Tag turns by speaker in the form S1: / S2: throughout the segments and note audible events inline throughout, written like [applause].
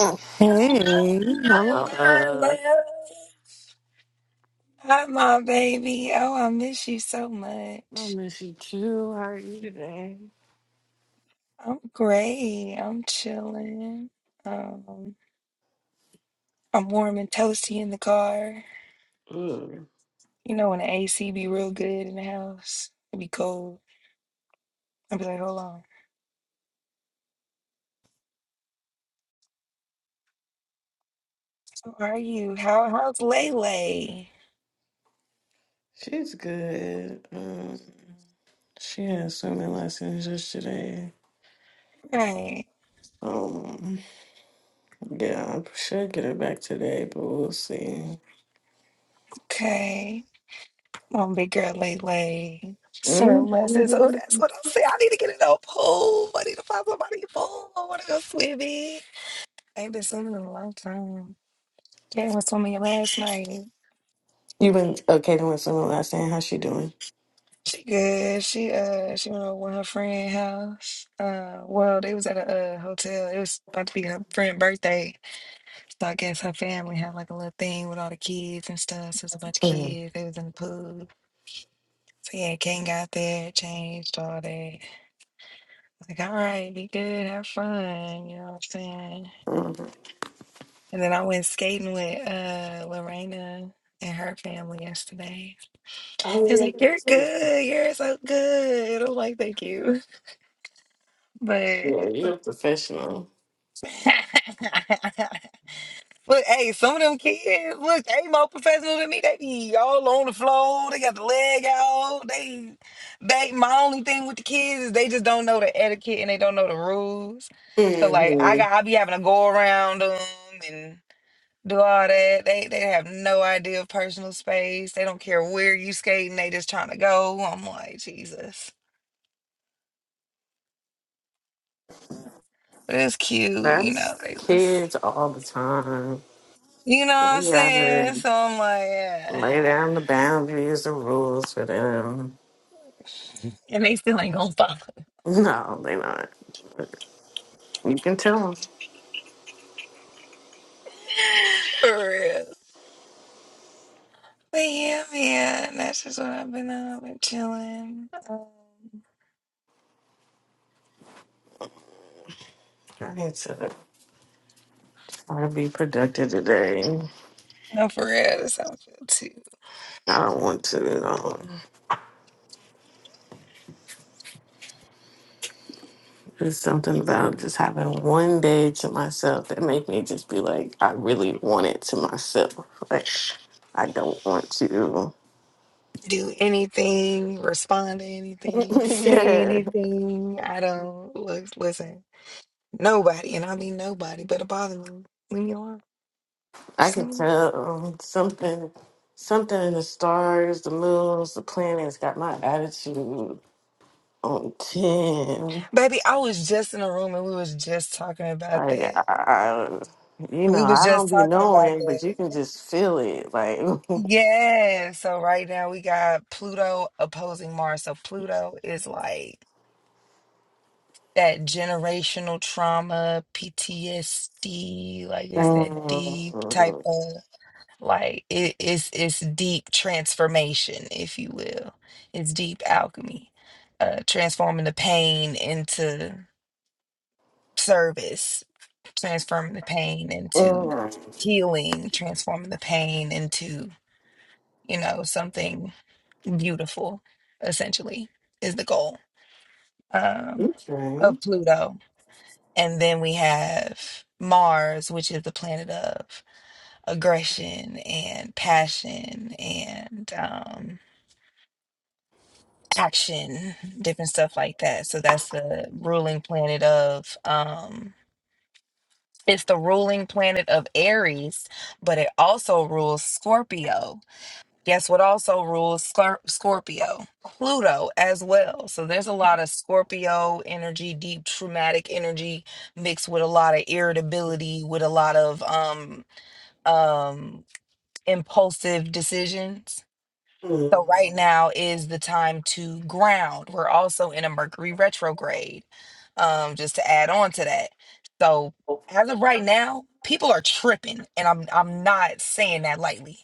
S1: Hey, hello.
S2: My love. Hi, my baby. Oh, I miss you so
S1: I
S2: much.
S1: miss you too. How are you today?
S2: I'm great. I'm chilling. Um, I'm warm and toasty in the car.
S1: Mm.
S2: You know, when the AC be real good in the house, it be cold. I'll be like, hold on. How are you? How, how's Lele?
S1: She's good. Um, she had so many lessons yesterday.
S2: Right.
S1: Um, yeah, I should get her back today, but we'll see.
S2: Okay. Come on, big girl Lele. Swim lessons. Oh, that's
S1: Mm.
S2: what I'm saying. I need to get in a pool. I need to find somebody a pool. I want to go swimming. ain't been sleeping in a long time. Jen was telling me last night.
S1: You been okay doing swimming last night? How's she doing?
S2: She good. She uh she went over with her friend house. Uh well they was at a uh, hotel. It was about to be her friend birthday. So I guess her family had like a little thing with all the kids and stuff. So it was a bunch of
S1: Mm-hmm.
S2: kids. They was in the pool. So yeah, Ken got there, changed all that. Like, all right, be good, have fun, you know what I'm saying? And then I went skating with uh Lorena and her family yesterday.
S1: Yeah,
S2: He was
S1: you're
S2: like, You're good. You're so good. I'm like, Thank you. But,
S1: a professional.
S2: [laughs] but hey, some of them kids, look, they more professional than me. They be all on the floor. They got the leg out. They, they, my only thing with the kids is they just don't know the etiquette and they don't know the rules. So, like, I
S1: hmm
S2: got, I be having to go around them and do all that. They, they have no idea of personal space. They don't care where you skating. They just trying to go. I'm like, Jesus. But it's cute, you
S1: That's
S2: know, they was
S1: kids all the time.
S2: you know what I'm
S1: Yeah,
S2: saying? So I'm like, [sighs] yeah.
S1: Lay down the boundaries and rules for them. No, they not. You can tell them.
S2: [laughs] For real. But yeah, man, that's just what I've been on. I've been chilling. Um,
S1: I need to try to be productive today.
S2: no, for real, that's how I feel too.
S1: I don't want to, you know. There's something about just having one day to myself that make me just be like, I really want it to myself. Like, I don't want to.
S2: Do anything, respond to
S1: [laughs]
S2: anything, say
S1: yeah,
S2: anything. I don't look, listen, nobody, and I mean nobody, but it bother me. Leave me alone.
S1: I
S2: Just leave
S1: can
S2: me alone.
S1: tell something. Something in the stars, the moons, the planets got my attitude on ten.
S2: Baby, I was just in a room and we was just talking about
S1: Like,
S2: that.
S1: I, I, you know,
S2: We was
S1: I don't
S2: just
S1: be
S2: talking about
S1: knowing, but you
S2: that.
S1: can just feel it. Like, [laughs] mm,
S2: Yeah. So right now we got Pluto opposing Mars. So Pluto is like that generational trauma, PTSD, like it's that deep type of like it, it's it's deep transformation, if you will. It's deep alchemy. Uh transforming the pain into service, transforming the pain into
S1: mm,
S2: healing, transforming the pain into, you know, something beautiful, essentially, is the goal um,
S1: okay.
S2: of Pluto. And then we have Mars, which is the planet of aggression and passion and um, action, different stuff like that. So that's the ruling planet of. Um, it's the ruling planet of Aries, but it also rules Scorpio. Guess what also rules Scor- Scorpio? Pluto as well. So there's a lot of Scorpio energy, deep traumatic energy mixed with a lot of irritability, with a lot of um um impulsive decisions. So right
S1: Mm-hmm.
S2: now is the time to ground. We're also in a Mercury retrograde. Um just to add on to that. So as of right now, people are tripping and I'm I'm not saying that lightly.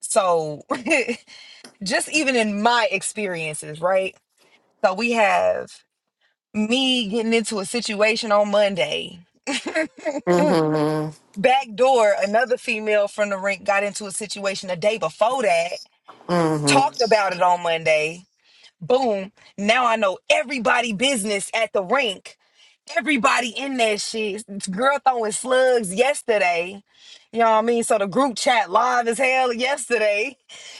S2: So [laughs] just even in my experiences, right? So we have me getting into a situation on Monday. [laughs]
S1: Mm-hmm.
S2: Back door, another female from the rink got into a situation a day before that, talked about it on Monday. Boom. Now I know everybody business at the rink. Everybody in that shit. Girl throwing slugs yesterday. You know what I mean? So the group chat live as hell yesterday.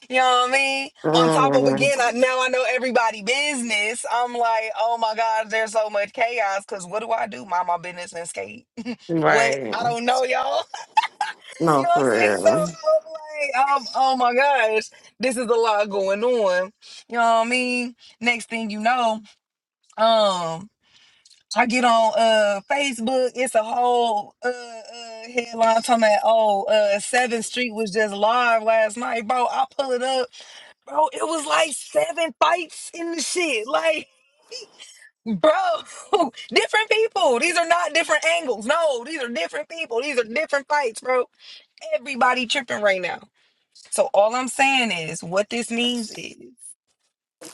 S2: You know what I mean? On top of again,
S1: Mm-hmm.
S2: I, now I know everybody business. I'm like, oh my God, there's so much chaos. Cause what do I do? Mind my business and skate. [laughs] What?
S1: Right.
S2: I don't know, y'all. You
S1: No,
S2: know what I'm
S1: for
S2: saying? So
S1: real.
S2: I'm like, um, oh my gosh, this is a lot going on. You know what I mean? Next thing you know, um, I get on uh Facebook, it's a whole uh, uh headline talking about oh uh Seventh Street was just live last night, bro. I pull it up, bro. It was like seven fights in the shit. Like, bro, [laughs] different people. These are not different angles. No, these are different people. These are different fights, bro. Everybody tripping right now. So all I'm saying is what this means is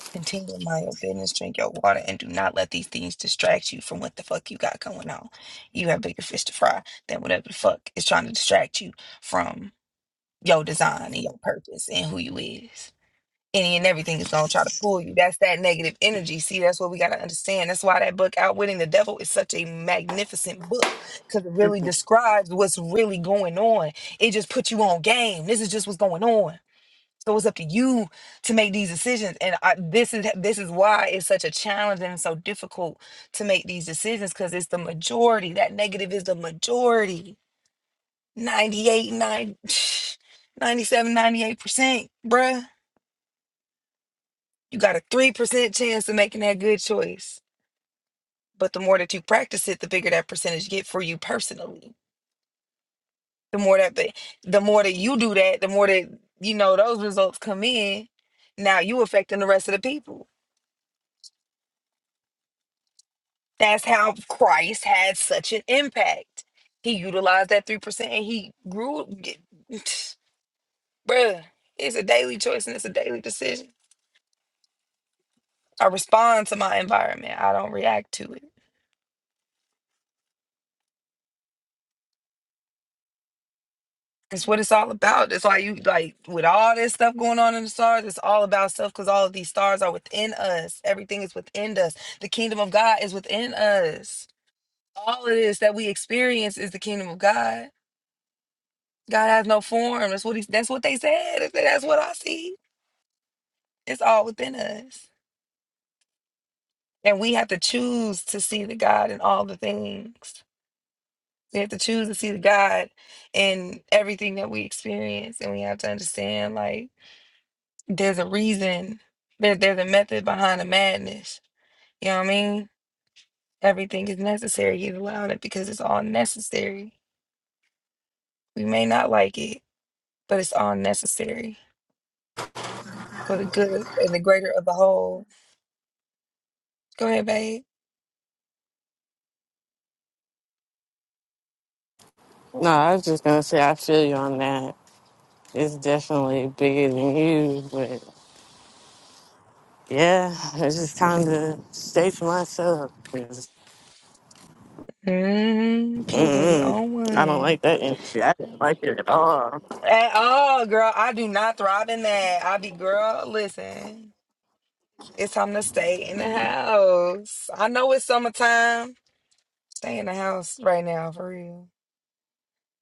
S2: continue to mind your business, drink your water, and do not let these things distract you from what the fuck you got going on. You have bigger fish to fry than whatever the fuck is trying to distract you from your design and your purpose and who you is. Any and everything is gonna try to pull you. That's that negative energy. See, that's what we gotta understand. That's why that book Outwitting the Devil is such a magnificent book. Cause it really describes what's really going on. It just puts you on game. This is just what's going on so it's up to you to make these decisions, and I, this is this is why it's such a challenge and so difficult to make these decisions because it's the majority. That negative is the majority. 98, ninety seven ninety eight [sniffs] percent bruh. You got a 3% chance of making that good choice. But the more that you practice it, the bigger that percentage get for you personally. The more that the, the more that you do that, the more that you know those results come in. Now you affecting the rest of the people That's how Christ had such an impact. He utilized that 3% and he grew. [sighs] [tsk] Bruh, it's a daily choice and it's a daily decision. I respond to my environment, I don't react to it. It's what it's all about. That's why you like with all this stuff going on in the stars, it's all about stuff because all of these stars are within us. Everything is within us. The kingdom of God is within us. All of this that we experience is the kingdom of God. God has no form. That's what he, that's what they said. That's what I see It's all within us. And we have to choose to see the God in all the things. We have to choose to see the God in everything that we experience. And we have to understand like there's a reason. There, there's a method behind the madness. You know what I mean? Everything is necessary. He's allowing it because it's all necessary. We may not like it, but it's all necessary for the good and the greater of the whole. Go ahead, babe.
S1: No, I was just gonna say I feel you on that. It's definitely bigger than you, but yeah, it's just time to stay for myself because
S2: hmm People gonna be
S1: mm
S2: on
S1: I don't
S2: one.
S1: like that energy. I didn't like it at all.
S2: At all, girl. I do not thrive in that. I be, girl, listen, it's time to stay in the house. I know it's summertime. Stay in the house right now, for real.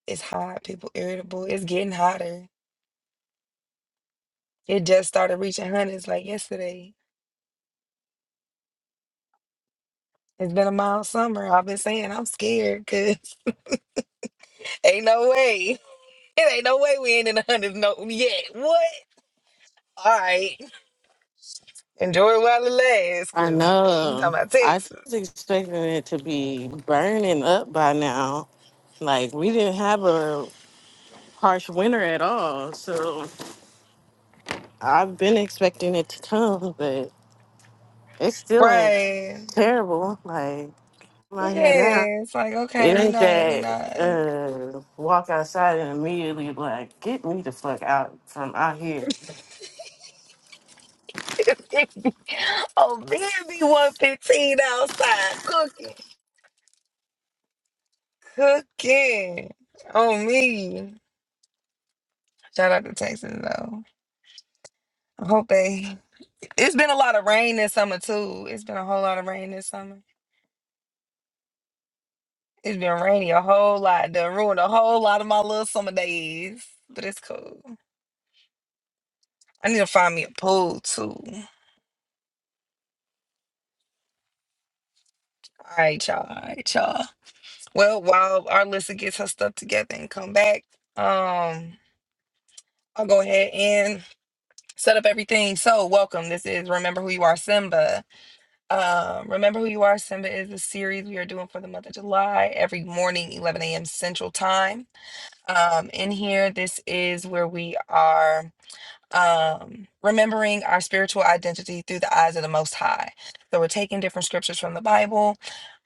S2: It's hot. People irritable. It's getting hotter. It just started reaching hundreds like yesterday. It's been a mild summer. I've been saying I'm scared because [laughs] ain't no way. [laughs] It ain't no way we ain't in the hundreds no yet. What? All right. Enjoy it while it lasts
S1: I
S2: because we talking
S1: know.
S2: about
S1: I
S2: Texas.
S1: was expecting it to be burning up by now. Like we didn't have a harsh winter at all, so I've been expecting it to come, but it still ain't
S2: Right.
S1: terrible. Like I'm out here now,
S2: Yeah, it's like okay,
S1: it
S2: we
S1: ain't
S2: not, we
S1: that.
S2: not.
S1: Uh, walk outside and immediately like get me the fuck out from out here.
S2: [laughs] oh man, be one fifteen outside cooking, cooking. Oh me, shout out to Texas though. I hope they. It's been a lot of rain this summer too. It's been a whole lot of rain this summer. It's been rainy a whole lot. Done ruined a whole lot of my little summer days, but it's cool. I need to find me a pool too. All right, y'all. All right, y'all. Well, while our Arlissa gets her stuff together and come back, um, I'll go ahead and set up everything. So, welcome. This is Remember Who You Are, Simba. Um, Remember Who You Are, Simba is the series we are doing for the month of July every morning, 11 a.m. Central Time. Um, in here, this is where we are um, remembering our spiritual identity through the eyes of the Most High. So we're taking different scriptures from the Bible,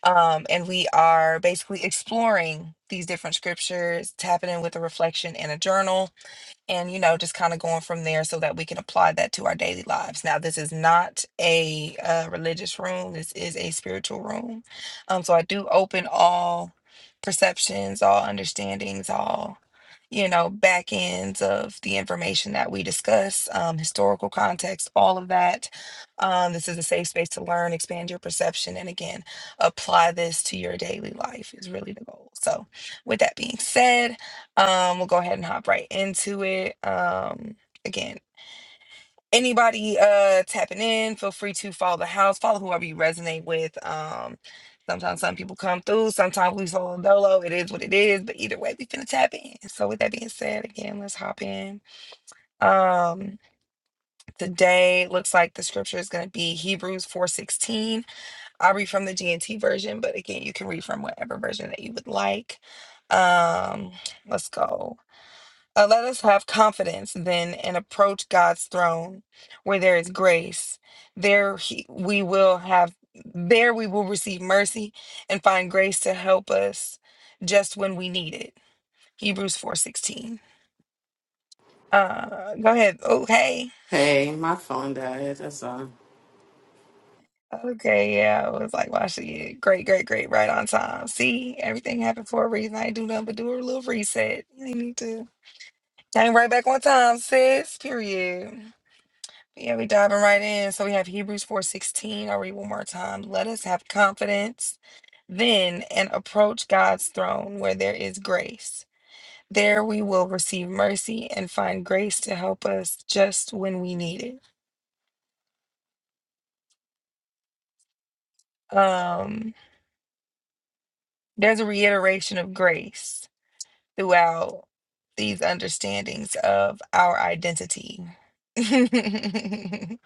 S2: um, and we are basically exploring these different scriptures, tapping in with a reflection and a journal and you know just kind of going from there so that we can apply that to our daily lives now this is not a uh, religious room this is a spiritual room um so i do open all perceptions all understandings all you know back ends of the information that we discuss um, historical context all of that um, this is a safe space to learn expand your perception and again apply this to your daily life is really the goal so with that being said um, we'll go ahead and hop right into it. Um, again, anybody uh tapping in, feel free to follow the house, follow whoever you resonate with. Um, sometimes some people come through, sometimes we solo dolo. It is what it is, but either way, we finna tap in. So with that being said, again, let's hop in. Um, today looks like the scripture is gonna be Hebrews four sixteen. I'll read from the GNT version, but again, you can read from whatever version that you would like. Um, let's go. Uh, let us have confidence then and approach God's throne where there is grace. There he, we will have there we will receive mercy and find grace to help us just when we need it. Hebrews 4:16. Uh go ahead. Okay.
S1: Hey, my phone died. That's all.
S2: Okay, yeah. I was like, wow, she great, great, great, right on time. See, everything happened for a reason. I ain't do nothing but do a little reset. You ain't need to came right back on time, sis. Period. Yeah, we diving right in. So we have Hebrews 4:16. I'll read one more time. Let us have confidence then and approach God's throne where there is grace. There we will receive mercy and find grace to help us just when we need it. Um, there's a reiteration of grace throughout these understandings of our identity. [laughs] we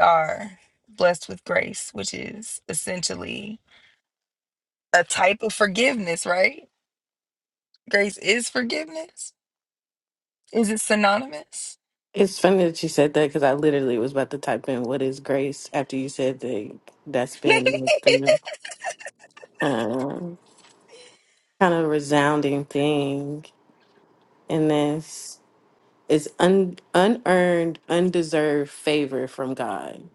S2: are blessed with grace, which is essentially a type of forgiveness, right? Grace is forgiveness. Is it synonymous?
S1: It's funny that you said that because I literally was about to type in what is grace after you said that that's
S2: [laughs] Say
S1: been the um, kind of resounding thing in this is un- unearned, undeserved favor from God.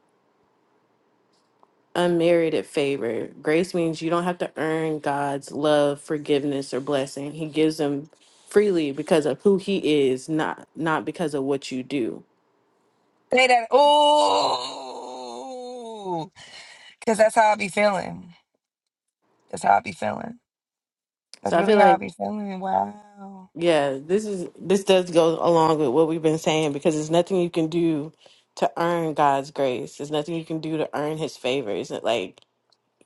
S1: Unmerited favor. Grace means you don't have to earn God's love, forgiveness, or blessing. He gives them freely because of who he is, not not because of what you do.
S2: that. Oh, because that's how I be feeling. That's how I be feeling. That's
S1: So I
S2: really
S1: feel
S2: how I
S1: like
S2: be feeling. Wow.
S1: Yeah, this is this does go along with what we've been saying because there's nothing you can do to earn God's grace. There's nothing you can do to earn His favor. It's not like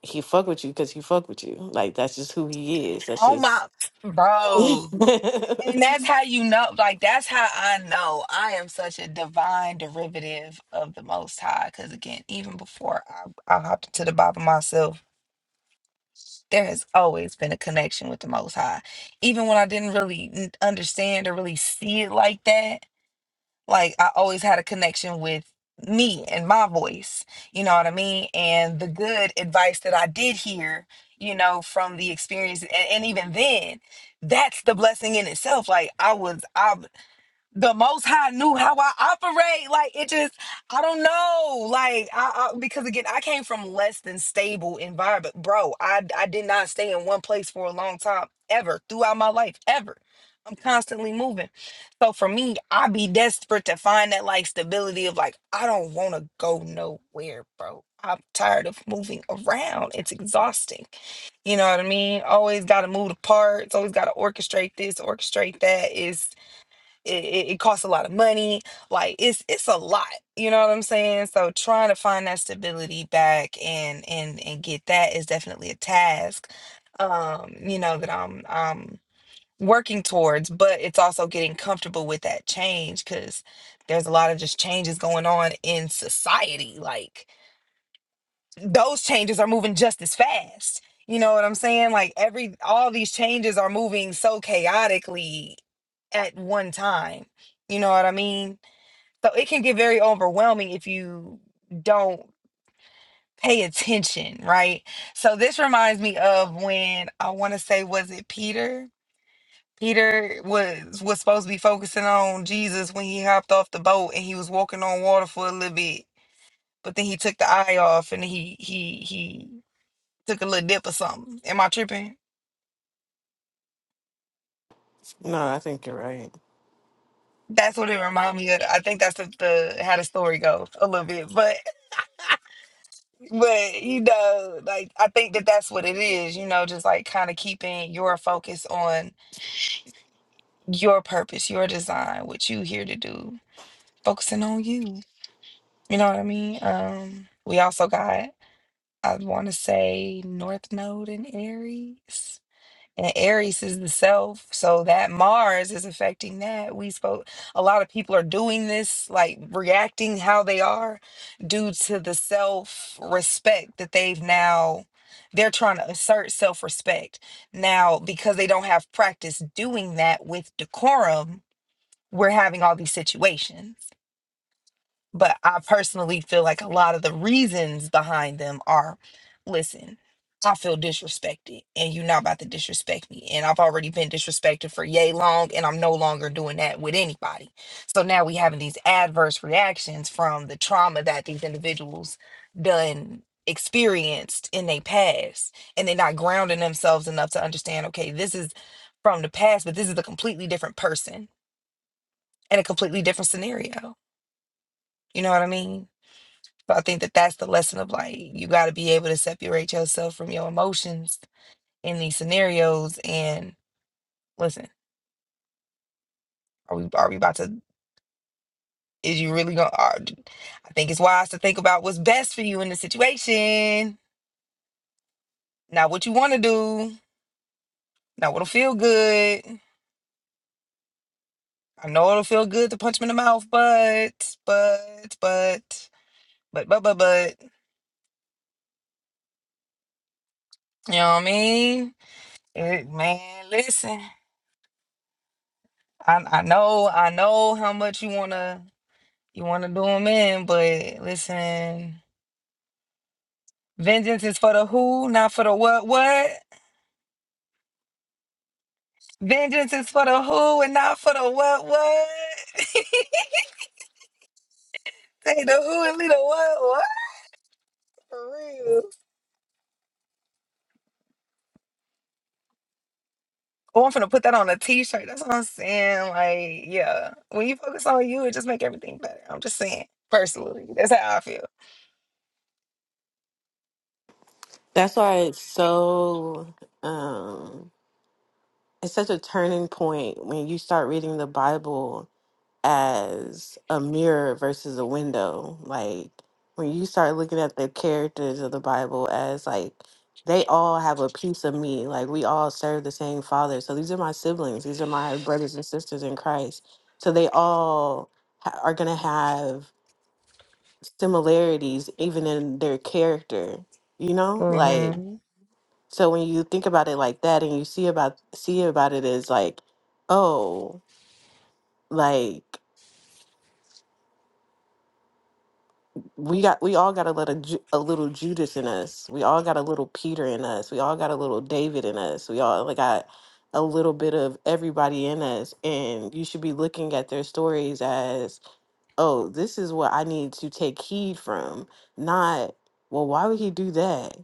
S1: He fuck with you because He fuck with you. Like that's just who He is. That's
S2: Oh
S1: just.
S2: my,
S1: [laughs]
S2: bro.
S1: no,
S2: And that's how you know, like, that's how I know I am such a divine derivative of the Most High. Because again, even before I, I hopped into the Bible myself, there has always been a connection with the Most High. Even when I didn't really n- understand or really see it like that, like I always had a connection with me and my voice. You know what I mean? And the good advice that I did hear, you know, from the experience, and, and even then, that's the blessing in itself. Like I was, I've the most high knew how I operate. Like it just, I don't know. Like I, I because again, I came from less than stable environment, bro. I I did not stay in one place for a long time ever throughout my life ever. I'm constantly moving. So for me, I be desperate to find that like stability of like I don't want to go nowhere, bro. I'm tired of moving around. It's exhausting. You know what I mean? Always got to move the parts. Always got to orchestrate this, orchestrate that. Is it, it it costs a lot of money like it's it's a lot you know what i'm saying so trying to find that stability back and and and get that is definitely a task um you know that i'm i'm working towards but it's also getting comfortable with that change because there's a lot of just changes going on in society like those changes are moving just as fast. You know what I'm saying? Like every all these changes are moving so chaotically at one time. You know what I mean? So it can get very overwhelming if you don't pay attention, right? So this reminds me of when I want to say was it Peter? Peter was was supposed to be focusing on Jesus when he hopped off the boat and he was walking on water for a little bit, but then he took the eye off and he he he took a little dip or something. Am I tripping?
S1: I think you're right.
S2: That's what it reminded me of. I think that's the, the how the story goes a little bit, but but you know, like I think that that's what it is. You know, just like kind of keeping your focus on your purpose, your design, what you here to do, focusing on you. You know what I mean? Um, we also got I want to say North Node and Aries. and Aries is the self, so that Mars is affecting that. We spoke a lot of people are doing this, like reacting how they are due to the self respect that they've now they're trying to assert self respect. Now, because they don't have practice doing that with decorum, we're having all these situations. But I personally feel like a lot of the reasons behind them are listen, I feel disrespected and you're not about to disrespect me. And I've already been disrespected for yay long and I'm no longer doing that with anybody. So now we having these adverse reactions from the trauma that these individuals done experienced in their past. And they're not grounding themselves enough to understand, okay, this is from the past, but this is a completely different person and a completely different scenario. You know what I mean? So I think that that's the lesson of like, you got to be able to separate yourself from your emotions in these scenarios. And listen, are we, are we about to, is you really going to, I think it's wise to think about what's best for you in the situation, not what you want to do, not what'll feel good. I know it'll feel good to punch him in the mouth, but, but, but, but, but, but, but, you know what I mean? It, man, listen, I, I know, I know how much you want to. You want to do them in, but listen, vengeance is for the who, not for the what, what. Vengeance is for the who and not for the what, what. [laughs] Say the who and leave the what, what. For real. Oh, I'm finna put that on a t-shirt. That's what I'm saying. Like, yeah, when you focus on you, it just make everything better. I'm just saying, personally, that's how I feel.
S1: That's why it's so. um It's such a turning point when you start reading the Bible as a mirror versus a window. Like when you start looking at the characters of the Bible as like they all have a piece of me. Like we all serve the same father. So these are my siblings. These are my brothers and sisters in Christ. So they all ha- are going to have similarities even in their character, you know? Like
S2: mm hmm
S1: so when you think about it like that and you see about see about it as like, oh, like we got we all got a little Ju- a little Judas in us. We all got a little Peter in us. We all got a little David in us. We all like got a little bit of everybody in us. And you should be looking at their stories as, oh, this is what I need to take heed from. Not, well, why would he do that?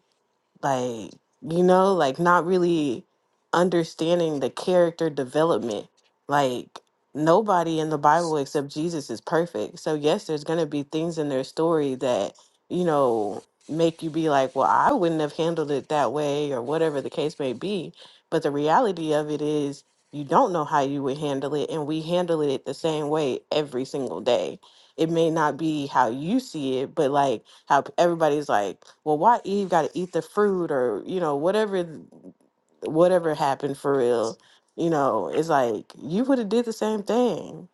S1: like you know like not really understanding the character development like nobody in the bible except jesus is perfect so yes there's going to be things in their story that you know make you be like well i wouldn't have handled it that way or whatever the case may be but the reality of it is you don't know how you would handle it and we handle it the same way every single day it may not be how you see it, but like how p- everybody's like, well, why Eve got to eat the fruit or, you know, whatever, th- whatever happened for real. You know, it's like you would have did the same thing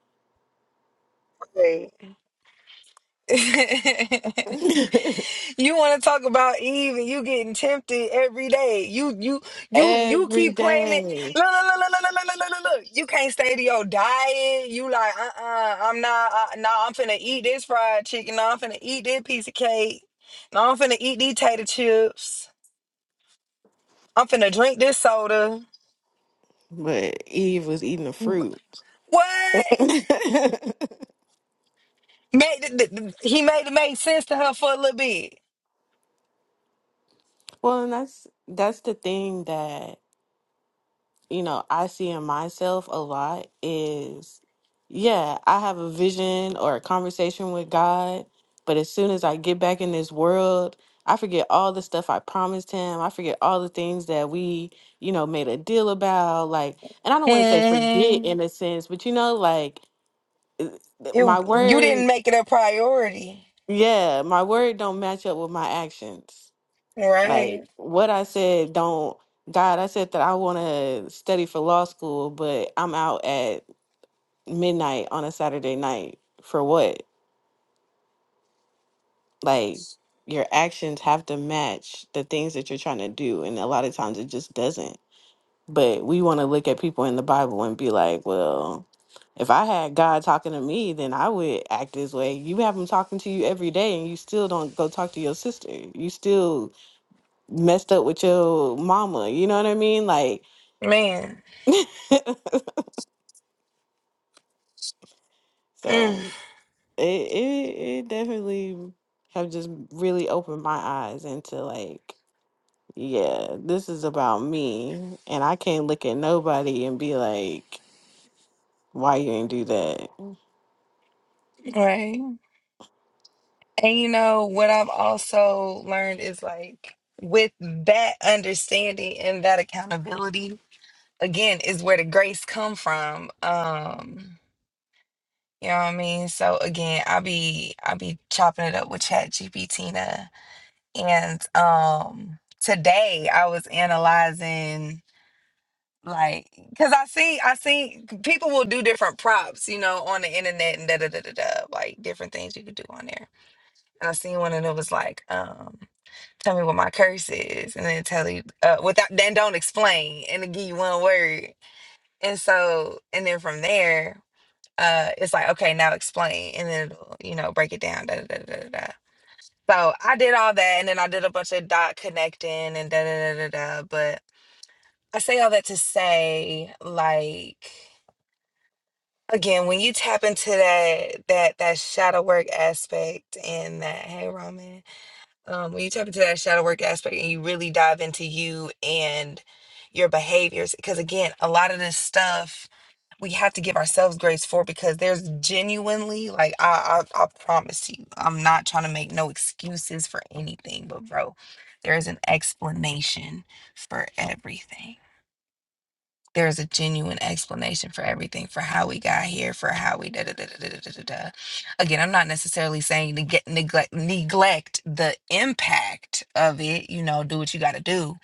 S2: Right. [laughs]
S1: [laughs]
S2: You want to talk about Eve and you getting tempted every day. You you you you
S1: every
S2: keep claiming.
S1: day,
S2: Look look look look look look look look. look, look. You can't stay to your diet. You like uh uh-uh, uh. I'm not. Uh, no, nah, I'm finna eat this fried chicken. No, I'm finna eat this piece of cake. No, I'm finna eat these tater chips. I'm finna drink this soda.
S1: but Eve was eating the fruit.
S2: What?
S1: [laughs]
S2: Made it, th- th- he made it make sense to her for a little bit.
S1: well, and that's that's the thing that you know, I see in myself a lot is, yeah, I have a vision or a conversation with God, but as soon as I get back in this world, I forget all the stuff I promised him. I forget all the things that we, you know, made a deal about. Like, and I don't want to say forget
S2: Mm-hmm.
S1: in a sense, but you know, like th-
S2: It,
S1: my Mhm.
S2: you didn't
S1: word,
S2: make it a priority,
S1: yeah, my word don't match up with my actions.
S2: right,
S1: Like what I said don't God, I said that I want to study for law school, but I'm out at midnight on a Saturday night for what? Like your actions have to match the things that you're trying to do and a lot of times it just doesn't. But we want to look at people in the Bible and be like, well, if I had God talking to me, then I would act this way. You have him talking to you every day and you still don't go talk to your sister. You still messed up with your mama. You know what I mean? Like
S2: man?
S1: [laughs]
S2: Mm.
S1: so it it, it definitely have just really opened my eyes into like yeah, this is about me. And I can't look at nobody and be like, why you ain't do that?
S2: Right. And you know, what I've also learned is like with that understanding and that accountability, again, is where the grace come from. Um, you know what I mean? So again, I be I be chopping it up with Chat GPT and um today I was analyzing like because I see I see people will do different props, you know, on the internet and da da da da da like different things you could do on there. and I seen one and it was like, um, tell me what my curse is, and then tell you uh, without then don't explain and it give you one word, and so and then from there, uh, it's like okay now explain, and then it'll, you know break it down. Da, da, da, da, da. da. So I did all that, and then I did a bunch of dot connecting and da da da da da. But I say all that to say like. Again, when you tap into that that that shadow work aspect and that, hey Ramen, um, when you tap into that shadow work aspect and you really dive into you and your behaviors, because again, a lot of this stuff we have to give ourselves grace for because there's genuinely like I, I I promise you, I'm not trying to make no excuses for anything, but bro, there is an explanation for everything there's a genuine explanation for everything, for how we got here, for how we da da da da da da da. da. Again, I'm not necessarily saying to get neglect neglect the impact of it. You know, do what you got to do.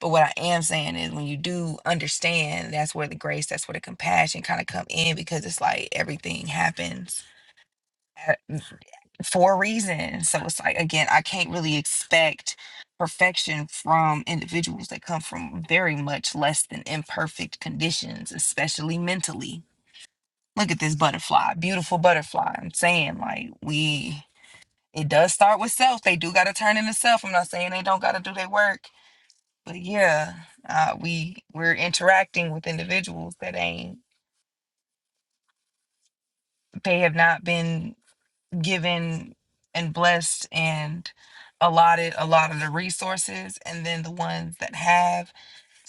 S2: But what I am saying is, when you do understand, that's where the grace, that's where the compassion kind of come in, because it's like everything happens for a reason. So it's like again, I can't really expect perfection from individuals that come from very much less than imperfect conditions, especially mentally. Look at this butterfly, beautiful butterfly. I'm saying like we it does start with self. They do gotta turn into self. I'm not saying they don't gotta do their work. But yeah, uh, we we're interacting with individuals that ain't they have not been given and blessed and allotted a lot of the resources and then the ones that have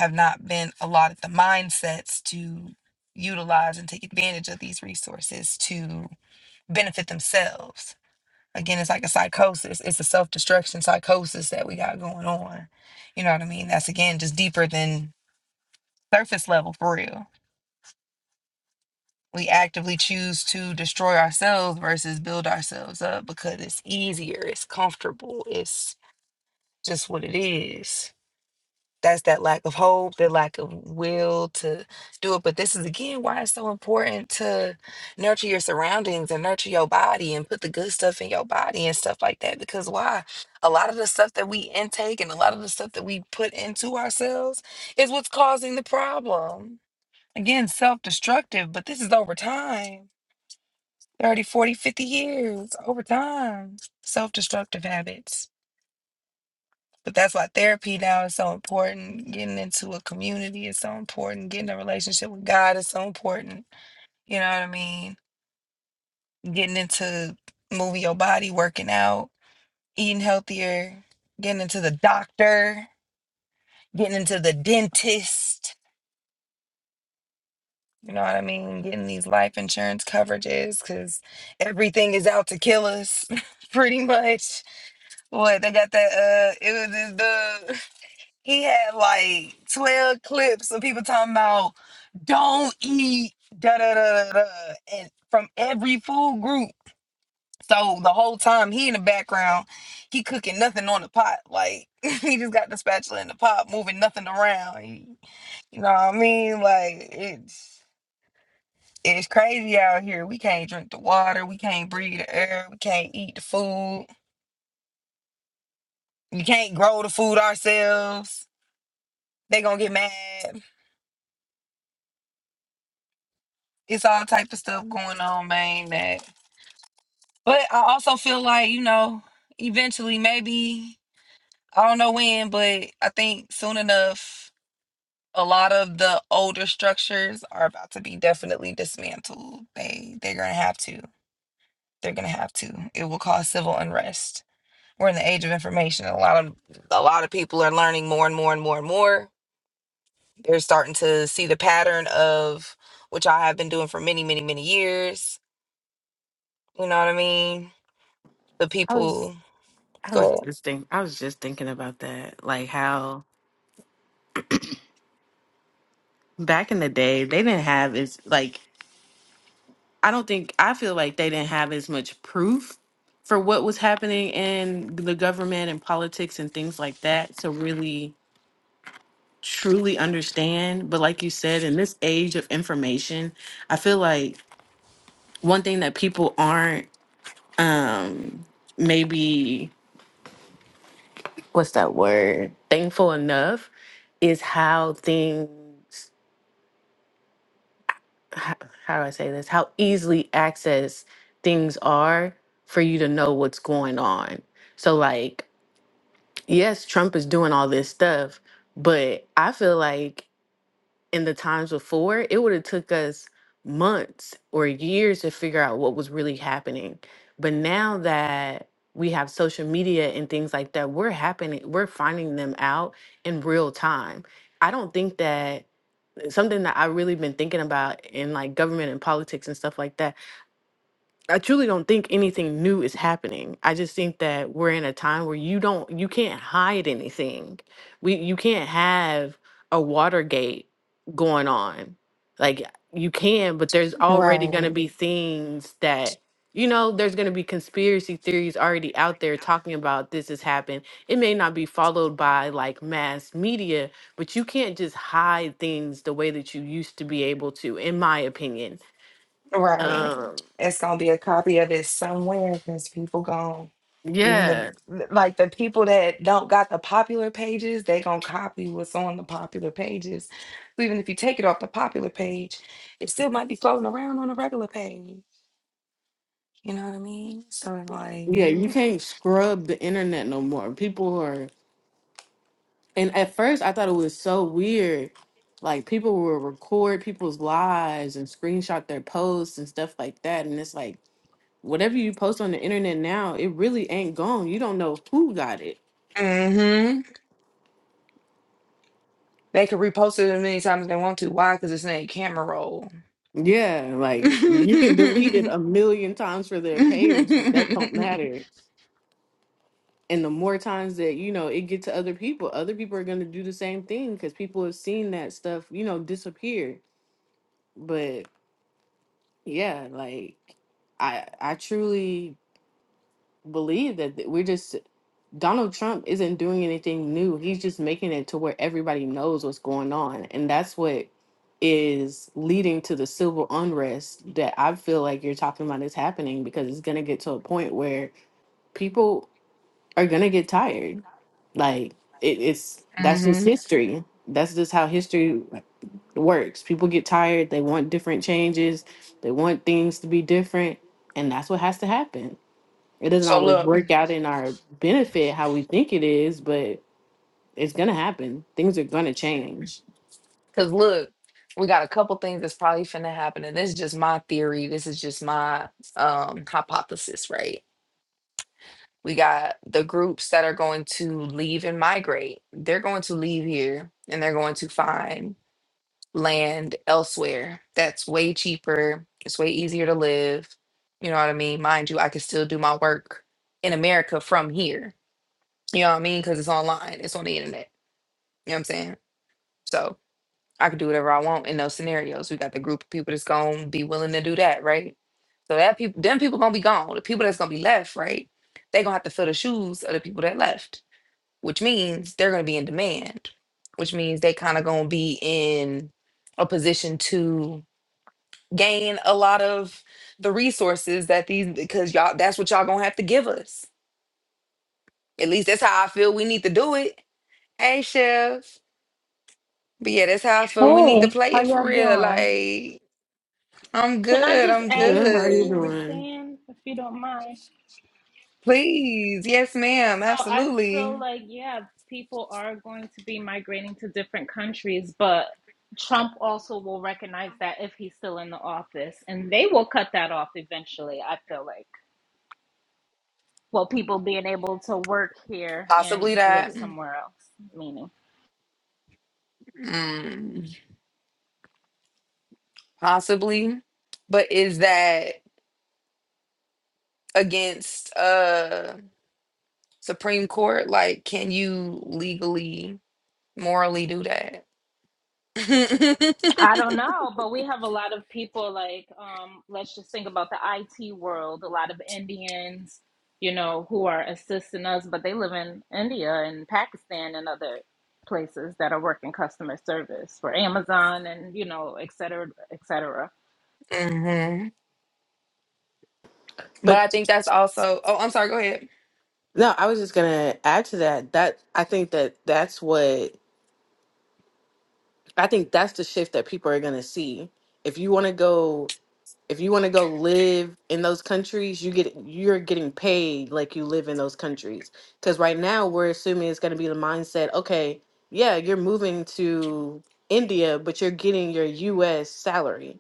S2: have not been allotted the mindsets to utilize and take advantage of these resources to benefit themselves again it's like a psychosis it's a self-destruction psychosis that we got going on you know what i mean that's again just deeper than surface level for real we actively choose to destroy ourselves versus build ourselves up because it's easier it's comfortable it's just what it is. That's that lack of hope, the lack of will to do it. But this is again why it's so important to nurture your surroundings and nurture your body and put the good stuff in your body and stuff like that. Because why? A lot of the stuff that we intake and a lot of the stuff that we put into ourselves is what's causing the problem. Again, self destructive, but this is over time thirty, forty, fifty years over time. Self destructive habits. But that's why therapy now is so important. Getting into a community is so important. Getting a relationship with God is so important. You know what I mean? Getting into moving your body, working out, eating healthier, getting into the doctor, getting into the dentist. You know what I mean? Getting these life insurance coverages because everything is out to kill us, [laughs] pretty much. What they got that? Uh, it was this dude. He had like 12 clips of people talking about don't eat da da da da da and from every food group. So the whole time he in the background, he cooking nothing on the pot. Like [laughs] he just got the spatula in the pot, moving nothing around. He- you know what I mean? Like it's it's crazy out here. We can't drink the water, we can't breathe the air, we can't eat the food. We can't grow the food ourselves. They gonna get mad. it's all type of stuff going on, man. That, but I also feel like you know, eventually, maybe I don't know when, but I think soon enough, a lot of the older structures are about to be definitely dismantled. They they're gonna have to. They're gonna have to. It will cause civil unrest. We're in the age of information. A lot of a lot of people are learning more and more and more and more. They're starting to see the pattern of which I have been doing for many, many, many years. You know what I mean? the
S1: I was
S2: people
S1: I was
S2: go
S1: just think I was just thinking about that. Like how back in the day they didn't have as like I don't think I feel like they didn't have as much proof for what was happening in the government and politics and things like that to really truly understand. But like you said, in this age of information, I feel like one thing that people aren't um maybe what's that word thankful enough is how things how, how do i say this how easily access things are for you to know what's going on so like yes trump is doing all this stuff but i feel like in the times before, it would have took us months or years to figure out what was really happening. But now that we have social media and things like that, we're happening, we're finding them out in real time. I don't think that something that I really been thinking about in like government and politics and stuff like that I truly don't think anything new is happening. I just think that we're in a time where you don't you can't hide anything. We you can't have a Watergate going on. Like you can, but there's already going
S2: ahead. Right,
S1: to be things that you know, there's going to be conspiracy theories already out there talking about this has happened. It may not be followed by like mass media, but you can't just hide things the way that you used to be able to in my opinion. Right.
S2: right.
S1: Um
S2: It's gonna be a copy of it somewhere because people gonna even
S1: yeah.
S2: the like the people that don't got the popular pages, they gonna copy what's on the popular pages. So even if you take it off the popular page, it still might be floating around on the regular page. You know what I mean? So it's like
S1: Yeah, you
S2: you,
S1: can't scrub the internet no more. People are, and at first I thought it was so weird. Like people will record people's lives and screenshot their posts and stuff like that. And it's like whatever you post on the internet now, it really ain't gone. You don't know who got it.
S2: hmm they could repost it as many times as they want to. Why? Because it's in a camera roll.
S1: Yeah,
S2: [laughs]
S1: like you can delete
S2: hmm
S1: it a million times for their page, but that don't matter. And the more times that you know it get to other people, other people are gonna do the same thing because people have seen that stuff, you know, disappear. But yeah, like I I truly believe that th- we're just Donald Trump isn't doing anything new. He's just making it to where everybody knows what's going on, and that's what is leading to the civil unrest that I feel like you're talking about is happening because it's gonna get to a point where people are gonna get tired. Like it, it's that's just history. That's just how history works. People get tired, they want different changes, they want things to be different, and that's what has to happen. It doesn't
S2: So
S1: always
S2: look,
S1: work out in our benefit how we think it is, but it's gonna happen. Things are gonna change.
S2: because look, we got a couple things that's probably finna happen, and this is just my theory. This is just my um hypothesis, right? We got the groups that are going to leave and migrate. They're going to leave here and they're going to find land elsewhere that's way cheaper. It's way easier to live. You know what I mean? Mind you, I can still do my work in America from here. You know what I mean? Because it's online, it's on the internet. You know what I'm saying? So I could do whatever I want in those scenarios. We got the group of people that's gonna be willing to do that, right? So that people them people gonna be gone. The people that's gonna be left, right? They gonna have to fill the shoes of the people that left, which means they're gonna be in demand, which means they kind of gonna be in a position to gain a lot of the resources that these because y'all that's what y'all gonna have to give us. At least that's how I feel we need to do it. Hey Chef. But yeah, that's how I feel. We need to
S3: Hey,
S2: play
S3: how
S2: it for
S3: y'all
S2: real.
S3: doing?
S2: Like, I'm
S3: Can I
S2: good.
S3: just
S2: I'm
S1: Good,
S3: add
S1: how
S3: to
S1: are
S3: what
S1: you
S3: you were
S2: good.
S1: doing?
S3: saying, if you don't mind?
S2: Please. Yes, ma'am.
S3: So I feel
S2: Absolutely.
S3: like, yeah, people are going to be migrating to different countries, but Trump also will recognize that if he's still in the office, and they will cut that off eventually, I feel like. Well, people being able to work here
S2: Possibly
S3: and live
S2: that.
S3: somewhere else, meaning.
S2: Mm, possibly. But is that against uh Supreme Court? Like, can you legally, morally do that?
S3: I
S2: [laughs]
S3: don't know, but we have a lot of people like um let's just think about the IT world, a lot of Indians, you know, who are assisting us, but they live in India and Pakistan and other places that are working customer service for Amazon and you know, et cetera, et cetera.
S2: hmm But I
S1: But
S2: think that's also. Oh, I'm sorry. Go ahead.
S1: no, I was just gonna add to that. That I think that that's what I think that's the shift that people are gonna see. If you want to go If you want to go live in those countries, you get you're getting paid like you live in those countries. Because right now we're assuming it's going to be the mindset. Okay, yeah, you're moving to India, but you're getting your U.S. salary.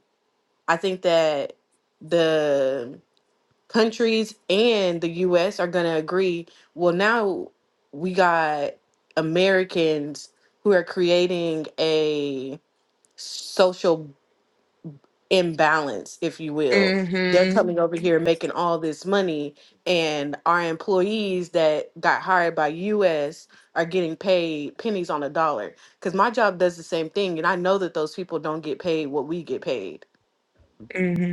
S1: I think that the countries and the U.S. are going to agree. Well, now we got Americans who are creating a social imbalance, if you will. They're
S2: Mm-hmm.
S1: coming over here making all this money, and our employees that got hired by US are getting paid pennies on a dollar. Because my job does the same thing, and I know that those people don't get paid what we get paid,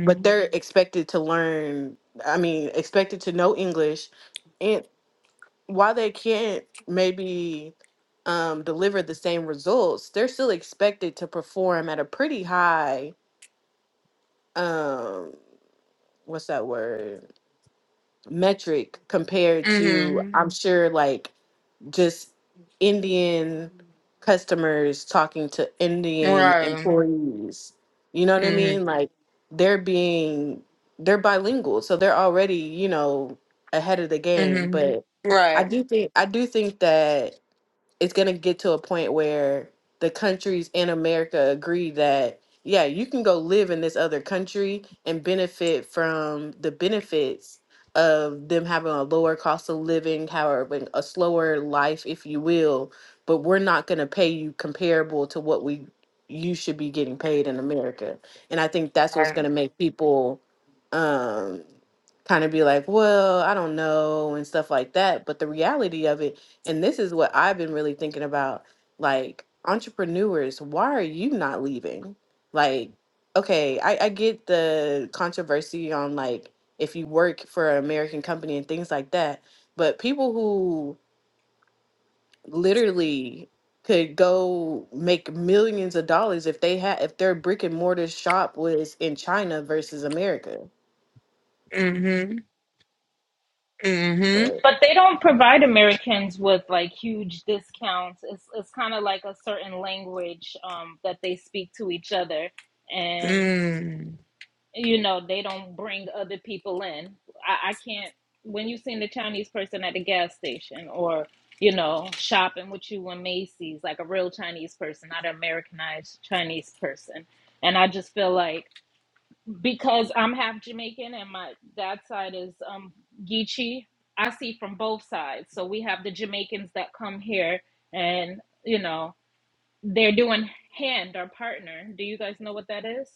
S1: but they're expected to learn, I mean, expected to know English. And while they can't maybe um, deliver the same results, they're still expected to perform at a pretty high. Um, what's that word metric compared to
S2: Mm-hmm.
S1: i'm sure like just indian customers talking to indian
S2: Right.
S1: employees you know what i
S2: Mm-hmm.
S1: mean like they're being they're bilingual so they're already you know ahead of the game
S2: hmm
S1: but i
S2: Right.
S1: do think i do think that it's going to get to a point where the countries in America agree that yeah, you can go live in this other country and benefit from the benefits of them having a lower cost of living, however, a slower life, if you will. But we're not going to pay you comparable to what we you should be getting paid in America. And I think that's what's going
S2: Right.
S1: to make people um, kind of be like, well, I don't know, and stuff like that. But the reality of it and this is what I've been really thinking about. Like, entrepreneurs, why are you not leaving? Like, okay, I, I get the controversy on like if you work for an American company and things like that, but people who literally could go make millions of dollars if they had if their brick and mortar shop was in China versus America.
S2: Mm-hmm. Mm-hmm.
S1: Right.
S3: But they don't provide Americans with like huge discounts. It's it's kind of like a certain language um that they speak to each other. and.
S2: Mm.
S3: you know they don't bring other people in I, I can't when you've seen the chinese person at the gas station or you know shopping with you in macy's like a real chinese person not an americanized chinese person and i just feel like because i'm half jamaican and my dad side is um geechee i see from both sides so we have the jamaicans that come here and you know they're doing hand or partner do you guys know what that is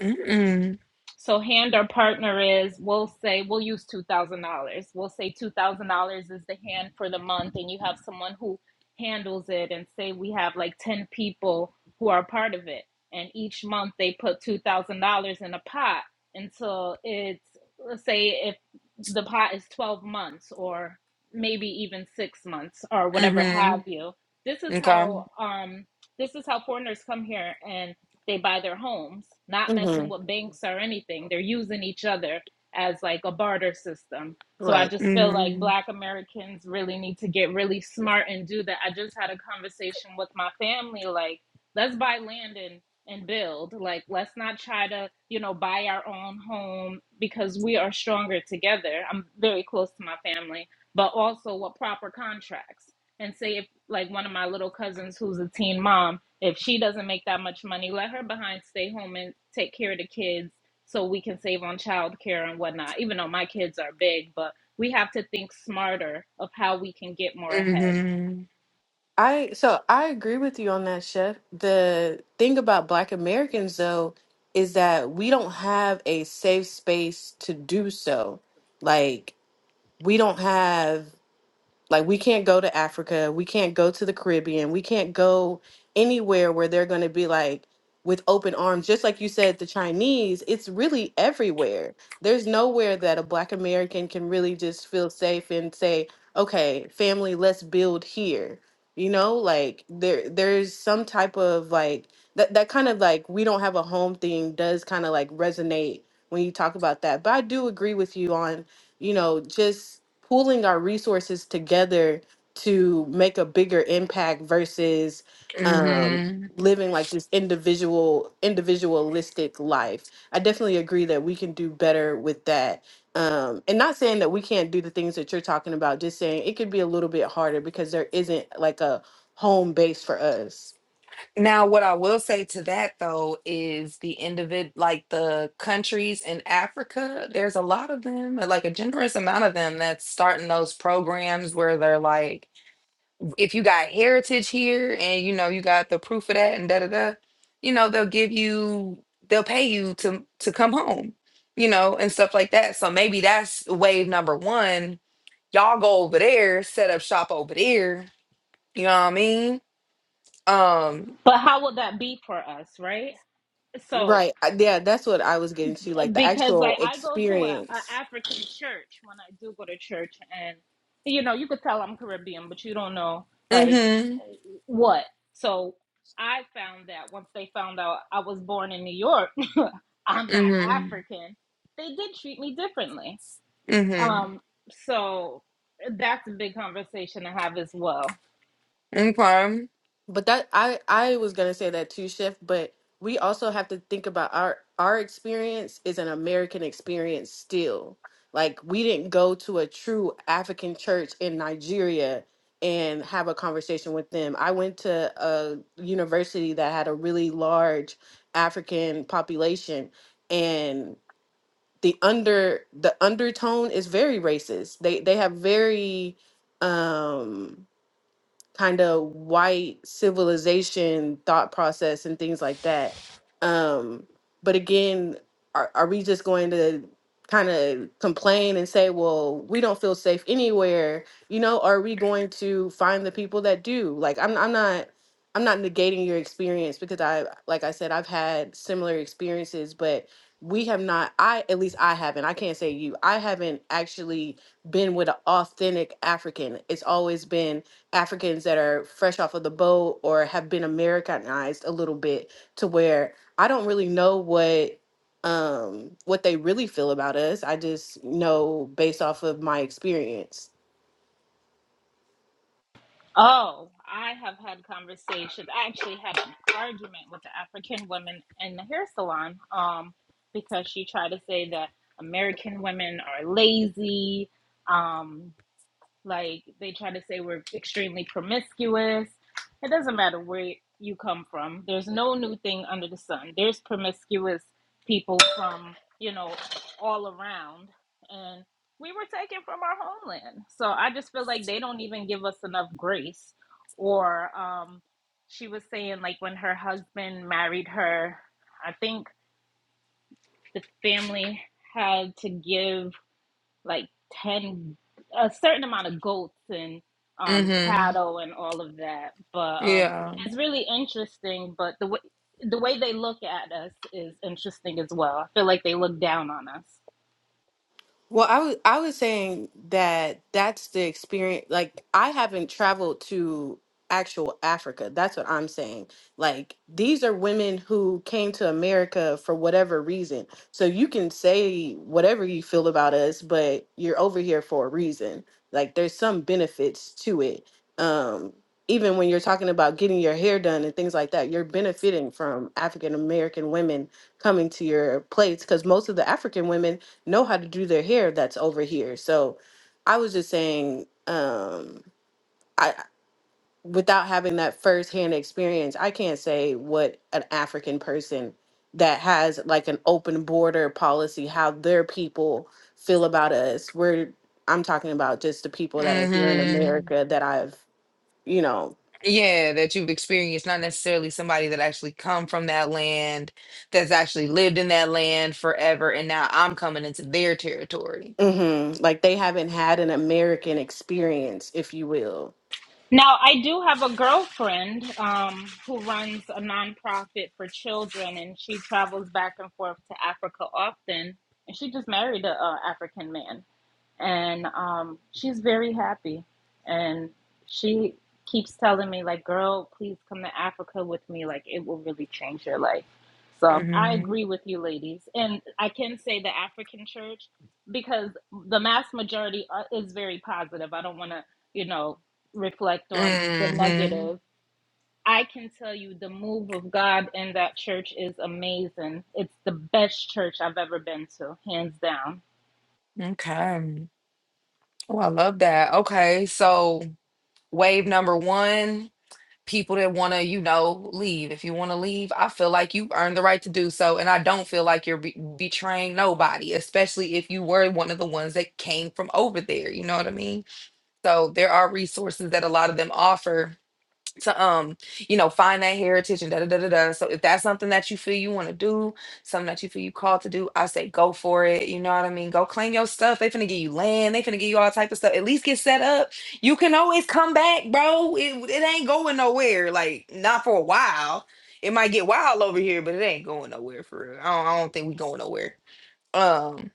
S2: Mm-mm.
S3: so hand our partner is, we'll say, we'll use $2,000. We'll say $2,000 is the hand for the month, and you have someone who handles it, and say we have like 10 people who are part of it. And each month they put $2,000 in a pot until it's, let's say, if the pot is 12 months or maybe even six months or whatever have
S2: Mm-hmm.
S3: you. This is
S2: Okay.
S3: how um, this is how foreigners come here and they buy their homes, not
S1: hmm
S3: messing with banks or anything. They're using each other as like a barter system. So
S1: Right.
S3: I just feel like
S2: Mm-hmm.
S3: black Americans really need to get really smart and do that. I just had a conversation with my family like let's buy land and and build. Like let's not try to, you know, buy our own home because we are stronger together. I'm very close to my family, but also with proper contracts. And say if like one of my little cousins who's a teen mom if she doesn't make that much money, let her behind stay home and take care of the kids so we can save on childcare and whatnot. Even though my kids are big, but we have to think smarter of how we can get more ahead.
S2: Mm-hmm.
S1: I so I agree with you on that, Chef. The thing about Black Americans though is that we don't have a safe space to do so. Like we don't have like we can't go to Africa, we can't go to the Caribbean, we can't go anywhere where they're going to be like with open arms. Just like you said, the Chinese, it's really everywhere. There's nowhere that a Black American can really just feel safe and say, "Okay, family, let's build here." You know, like there there's some type of like that that kind of like we don't have a home thing does kind of like resonate when you talk about that. But I do agree with you on you know, just pooling our resources together to make a bigger impact versus um,
S2: Mm-hmm.
S1: living like this individual, individualistic life. I definitely agree that we can do better with that. Um, and not saying that we can't do the things that you're talking about, just saying it could be a little bit harder because there isn't like a home base for us.
S2: Now, what I will say to that though is the individ like the countries in Africa, there's a lot of them, like a generous amount of them that's starting those programs where they're like if you got heritage here and you know you got the proof of that and da da da, you know they'll give you they'll pay you to to come home, you know, and stuff like that. So maybe that's wave number one. Y'all go over there, set up shop over there. You know what I mean? Um.
S3: But how will that be for us, right? So
S1: Right. I- Yeah, that's what I was getting to, like the
S3: because
S1: actual
S3: like I go to a, a
S1: experience.
S3: African church when I do go to church and you know, you could tell I'm Caribbean, but you don't know like
S2: Mhm.
S3: what. So I found that once they found out I was born in New York I'm not
S2: Mhm.
S3: African, they did treat me differently.
S2: Mhm.
S3: Um, so that's a big conversation to have as well.
S2: Okay.
S1: But that I I was gonna say that too, Chef. But we also have to think about our our experience is an American experience still. Like we didn't go to a true African church in Nigeria and have a conversation with them. I went to a university that had a really large African population and the under the undertone is very racist. They they have very um kind of white civilization thought process and things like that. Um, but again, are, are we just going to kind of complain and say, well, we don't feel safe anywhere? You know, are we going to find the people that do? Like, I'm, I'm not. I'm not negating your experience because I, like I said, I've had similar experiences, but we have not, I, at least I haven't, I can't say you, I haven't actually been with an authentic African. It's always been Africans that are fresh off of the boat or have been Americanized a little bit to where I don't really know what um what they really feel about us. I just know based off of my experience.
S3: Oh, I have had conversations. I actually had an argument with an African woman in the hair salon um, because she tried to say that American women are lazy. Um, Like they try to say we're extremely promiscuous. It doesn't matter where you come from. There's no new thing under the sun. There's promiscuous people from, you know, all around. And we were taken from our homeland. So I just feel like they don't even give us enough grace. Or um she was saying like when her husband married her, I think the family had to give like 10 a certain amount of goats and um
S2: Mhm.
S3: cattle and all of that but um
S2: Yeah.
S3: it's really interesting but the way the way they look at us is interesting as well i feel like they look down on us
S1: Well, I was I was saying that that's the experience. Like, I haven't traveled to actual Africa. That's what I'm saying. Like, these are women who came to America for whatever reason. So you can say whatever you feel about us, but you're over here for a reason. Like, there's some benefits to it. Um, even when you're talking about getting your hair done and things like that, you're benefiting from African American women coming to your place because most of the African women know how to do their hair that's over here. So I was just saying, um, I without having that firsthand experience, I can't say what an African person that has like an open border policy, how their people feel about us. We're I'm talking about just the people that are here in
S2: Mhm.
S1: America that I've, you know,
S2: yeah that you've experienced not necessarily somebody that actually come from that land that's actually lived in that land forever and now i'm coming into their territory
S1: mhm, like they haven't had an American experience, if you will.
S3: now i do have a girlfriend um who runs a nonprofit for children and she travels back and forth to africa often and she just married a, a african man and um, she's very happy. And she keeps telling me, like, girl, please come to Africa with me. Like, it will really change your life. So I
S2: hmm
S3: agree with you, ladies. And I can say the African church, because the mass majority are- is very positive. I don't want to, you know, reflect on the
S2: hmm
S3: negative. I can tell you the move of God in that church is amazing. It's the best church I've ever been to, hands down
S2: okay oh i love that okay so wave number one people that want to you know leave if you want to leave i feel like you earned the right to do so and i don't feel like you're be- betraying nobody especially if you were one of the ones that came from over there you know what i mean So there are resources that a lot of them offer to um, you know, find that heritage and da da da da da. So if that's something that you feel you want to do, something that you feel you called to do, I say go for it. You know what I mean? Go claim your stuff. They finna give you land. They finna give you all type of stuff. At least get set up. You can always come back, bro. It, it ain't going nowhere. Like not for a while. It might get wild over here, but it ain't going nowhere for real. I don't, I don't think we going nowhere. Um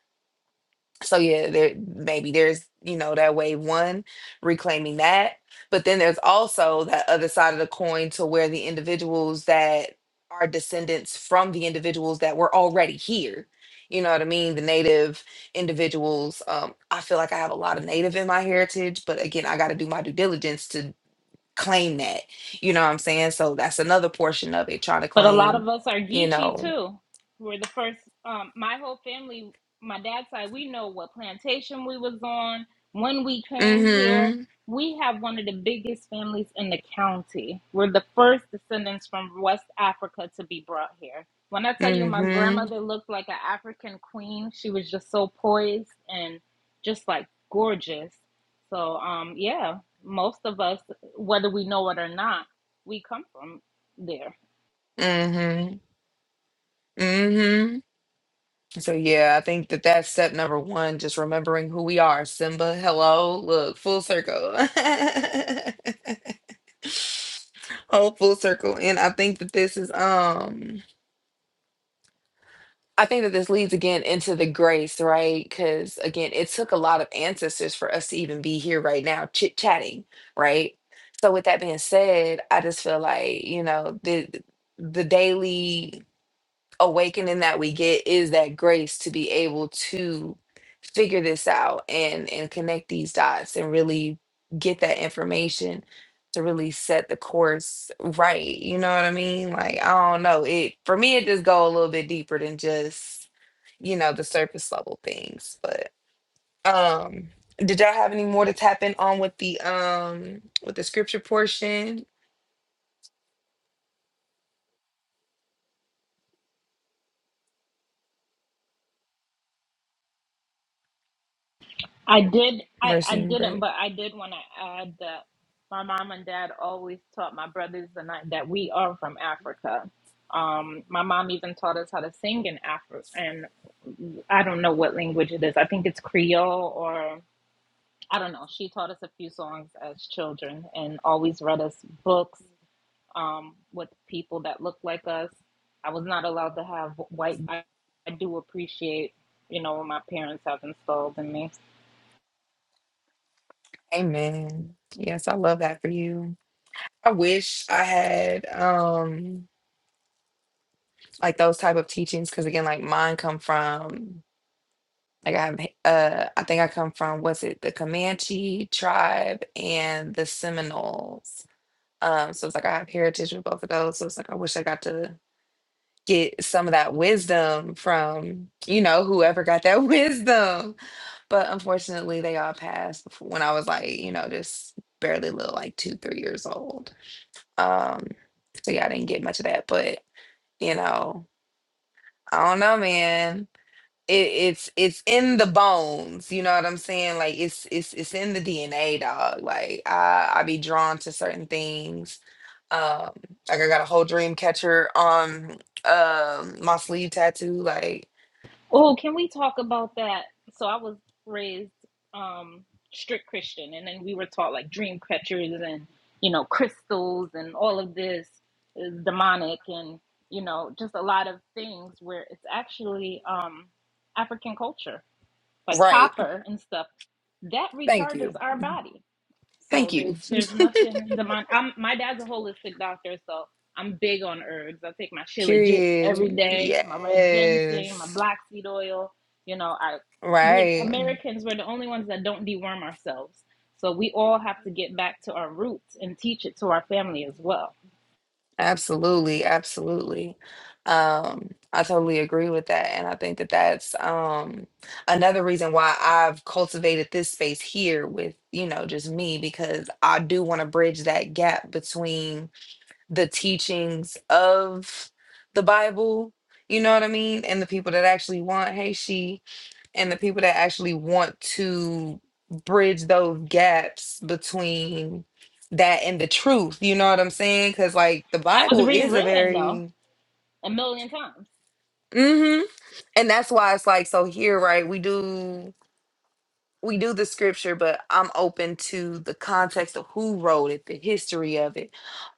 S2: so yeah there maybe there's you know that way one reclaiming that but then there's also that other side of the coin to where the individuals that are descendants from the individuals that were already here you know what i mean the native individuals um i feel like i have a lot of native in my heritage but again i got to do my due diligence to claim that you know what i'm saying so that's another portion of it trying to
S3: But a lot
S2: claim
S3: of us are
S2: you
S3: Geechee
S2: know
S3: too. We're the first. Um, my whole family, my dad's side, we know what plantation we was on when we came here.
S2: mhm
S3: We have one of the biggest families in the county. We're the first descendants from West Africa to be brought here. When I tell you my
S2: mhm
S3: grandmother looked like an African queen, she was just so poised and just like gorgeous. So, um, yeah, most of us, whether we know it or not, we come from there.
S2: mhm mhm So yeah, I think that that's step number one. Just remembering who we are. Simba, hello, look, full circle. [laughs] Oh, full circle. And I think that this is um I think that this leads again into the grace, right? Because again, it took a lot of ancestors for us to even be here right now, chit chatting, right? So with that being said, I just feel like, you know, the the daily awakening that we get is that grace to be able to figure this out and and connect these dots and really get that information to really set the course right you know what i mean like i don't know it for me it just go a little bit deeper than just you know the surface level things but um did y'all have any more to tap in on with the um with the scripture portion
S3: I did. I, I
S2: mercy and
S3: didn't,
S2: grace
S3: but I did want to add that my mom and dad always taught my brothers and I that we are from Africa. Um, my mom even taught us how to sing in Afri and I don't know what language it is. I think it's Creole or I don't know. She taught us a few songs as children and always read us books um, with people that looked like us. I was not allowed to have white. I, do appreciate, you know, what my parents have installed in me.
S2: amen yes i love that for you I wish I had um like those type of teachings because again, like mine come from like I have uh I think I come from was it the Comanche tribe and the Seminoles. Um, so it's like I have heritage with both of those. So it's like I wish I got to get some of that wisdom from you know whoever got that [laughs] wisdom. But unfortunately, they all passed before, when I was like you know just barely little like two three years old. Um, so yeah, I didn't get much of that, but you know i don't know man it, it's it's in the bones you know what i'm saying like it's it's it's in the dna dog like i i be drawn to certain things um like i got a whole dream catcher on um my sleeve tattoo like
S3: Oh, can we talk about that? So I was raised um strict Christian and then we were taught like dream catchers and you know crystals and all of this is demonic and you know just a lot of things where it's actually um African culture like
S2: right
S3: copper and stuff that
S2: thank
S3: recharges
S2: you
S3: our body
S2: thank
S3: so
S2: you
S3: there's there's nothing demon. I'm, my dad's a holistic doctor, so I'm big on herbs. I take my shilajit every
S2: period
S3: day, my red ginseng, my
S2: yes
S3: black seed oil. You know, I we're
S2: right
S3: Americans. We're the only ones that don't deworm ourselves. So we all have to get back to our roots and teach it to our family as well.
S2: Absolutely, absolutely. Um, I totally agree with that, and I think that that's um, another reason why I've cultivated this space here with you know just me because I do want to bridge that gap between the teachings of the Bible, you know what I mean, and the people that actually want Hey, she and the people that actually want to bridge those gaps between that and the truth. You know what I'm saying? Because like the
S3: It was
S2: Bible is a
S3: rewritten though
S2: very
S3: a million times.
S2: hmm and that's why it's like so here, right? We do. we do the scripture, but I'm open to the context of who wrote it, the history of it,